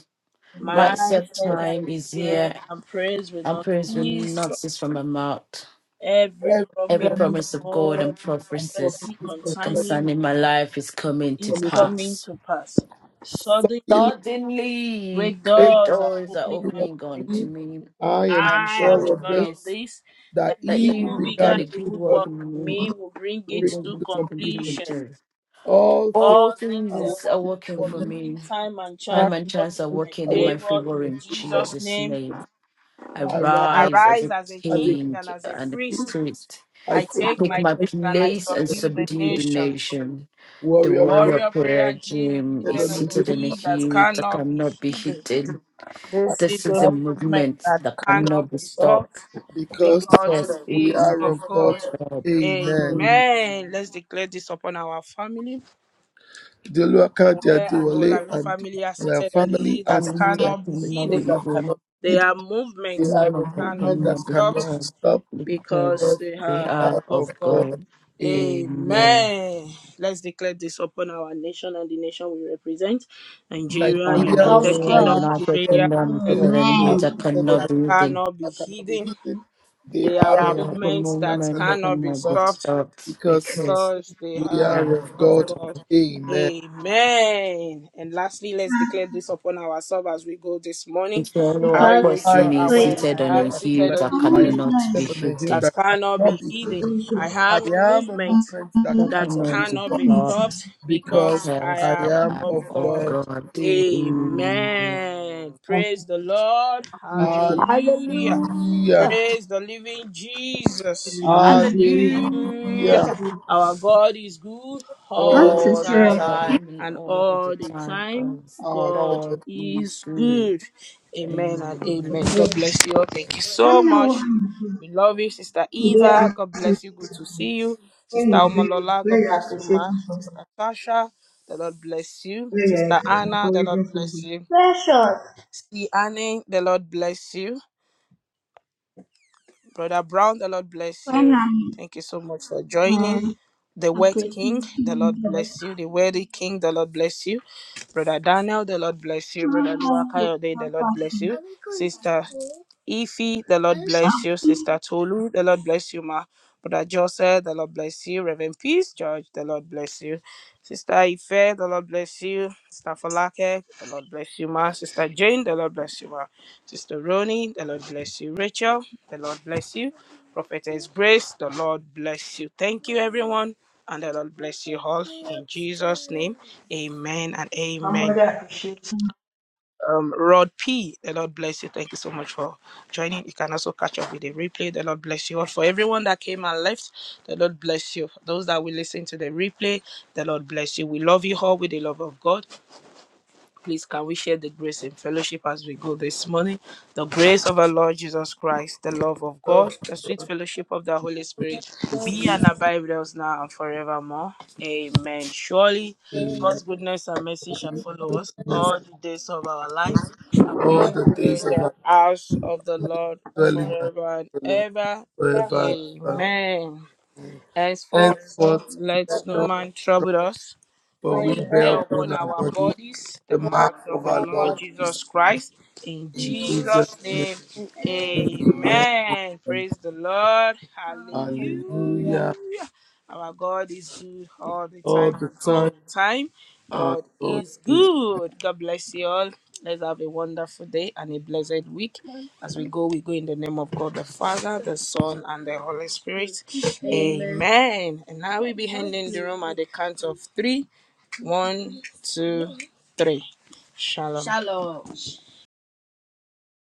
My My set certain time is prayer here, and praise will and not praise will cease from not cease from my mouth. every Every promise Every of promise promise of God God, and and prophecies prophecy prophecies concerning concerning my concerning my life is coming to is coming to coming pass. to pass. suddenly Suddenly, Suddenly, great break great doors are doors are opening through unto of opening me. unto me. me. I am I am I am sure of sure of sure this, of this. this, that that That he he who you who began began began a a a good good good work work work in in in me me me will bring will Oh, it bring to into to completion. completion. completion. All things All All things are working are things are working working for for for me. me, me. time and Time chance Thanks and are chance working are in my working are in working my favor. favor In in for Jesus' Jesus' name, me. name. I I rise rise as arise a as a as a king king and as a and a king. priest. priest. I I take I take take my my place and I place and subdue you the to subdue the the nation. nation. The warrior warrior Warrior prayer prayer gym is gym seated is on seated on the the seated hill. in a hill that hill that cannot be cannot be hidden. hidden. This is This a I is a am movement movement that that cannot cannot be be not stopped. stopped because because it First, it we is is are of of God. of God. God. Amen. Mm, Amen. Let's declare this upon our family. The Luaka, their Where and Diwale, Olabi and family are their seated on the hill family are that Only seated. that cannot be The cannot flow be hidden. that hidden. cannot be They hid. are They movements are that a movement that cannot movement be that cannot be stopped cannot be formed stopped. because because they Because they are they are are of of of God. God. God. Amen. Amen. Amen. Let's declare this upon our nation and the nation we represent Nigeria, Nigeria, of United Nigeria, Kingdom, United God. United Kingdom, Australia, Kingdom, it is Italy United an here Kingdom, are that Amen. seated on cannot that the be hidden. cannot hill be that cannot be hidden. hidden. They They are are a They are movement the movements that that movement cannot that cannot be be cannot be stopped stopped stopped because because because they we are they are are of of of God. God. Amen. Amen. And lastly, let's declare this upon ourselves as we go this morning. If you follow I, Because I, Rachel, person I is aware we do seated I on care am a Nigerian, act hill seated like on that the I am don't hill cannot be seated rest on a hill hidden, that that cannot cannot be be hidden. hidden. into I the I am a am a movement movement that that that cannot be cannot be cannot stopped be unity stopped stopped because because I because I I am am am of of of God. God. God. Eh, Amen. Amen. of Praise the Lord. the gospel. Hallelujah. Hallelujah. Hallelujah. Praise the living Jesus. Hallelujah. Yes, Hallelujah. Hallelujah. Our God is good I'm all Oh, the to All the true. time, God, time and and all the all the time, time, because our God God God is is is good. good. good. Amen and Amen. and amen. God Amen. bless you all. Thank you I so know much. We love you, Sister today Eva. I'm God bless you. Good to see you. Sister praying very, Omolola, God very bless you, Ma. appreciating somebody, Sister Tasha, the Lord bless you. very Sister Anna, the Lord encouraging bless somebody. you. Precious Sister Annie, the Lord bless you. Brother Brown, the Lord bless when you. I'm Thank you so much for joining. um, The word king, the appreciating Lord God. bless you. The worthy king, the Lord bless you. Brother Daniel, the Lord bless you. Brother Luakayode, the Lord bless you. Sister Ifi, the Lord I bless you. Sister Tolu, the Lord bless you, ma. Brother Joseph, the Lord bless you. Reverend Peace George, the Lord bless you. Sister Ife, the Lord bless you. Sister Falake, the Lord bless you, ma. Sister Jane, the Lord bless you, ma. Sister Ronnie, the Lord bless you. Rachel, the Lord bless you. Prophetess Grace, the Lord bless you. Thank you, everyone, and the Lord bless you all. In Jesus' name, amen and Oh my amen. God, shit. Um, Rod P, the Lord bless you. Thank you so much for joining. You can also catch up with the replay. The Lord bless you all. For everyone that came and left, the Lord bless you. For Those that will listen to the replay, the Lord bless you. We love you all with the love of God. Please, can we share the grace and fellowship as we go this morning? The grace of our Lord Jesus Christ, the love of Love God, the sweet fellowship of the Holy Spirit be and abide with us now and forevermore. Amen. Surely Him God's goodness and mercy shall with follow us goodness all the days of our life, and we all shall the dwell days in of the our house of the life, Lord dwelling at forever and the Lord ever. forever and Amen. ever. Henceforth, Henceforth, let let no no man man drop, trouble us, for for we we bear bear upon upon our our body bodies the the mark marks of of the our Lord Lord Jesus. Jesus Christ. Christ. In In Jesus' Jesus' name. name, Amen. amen. Praise the Lord. Hallelujah. Hallelujah. Our God is good all the All time the and all time, the time. our God God is is good. God bless you all. Let's have a wonderful day and a blessed week. As we go, we go in the name of God the Father, the Son, and the Holy Spirit. Amen. Amen. And now we'll be handing the room at the count of three. One, two, three. Shalom. Shalom.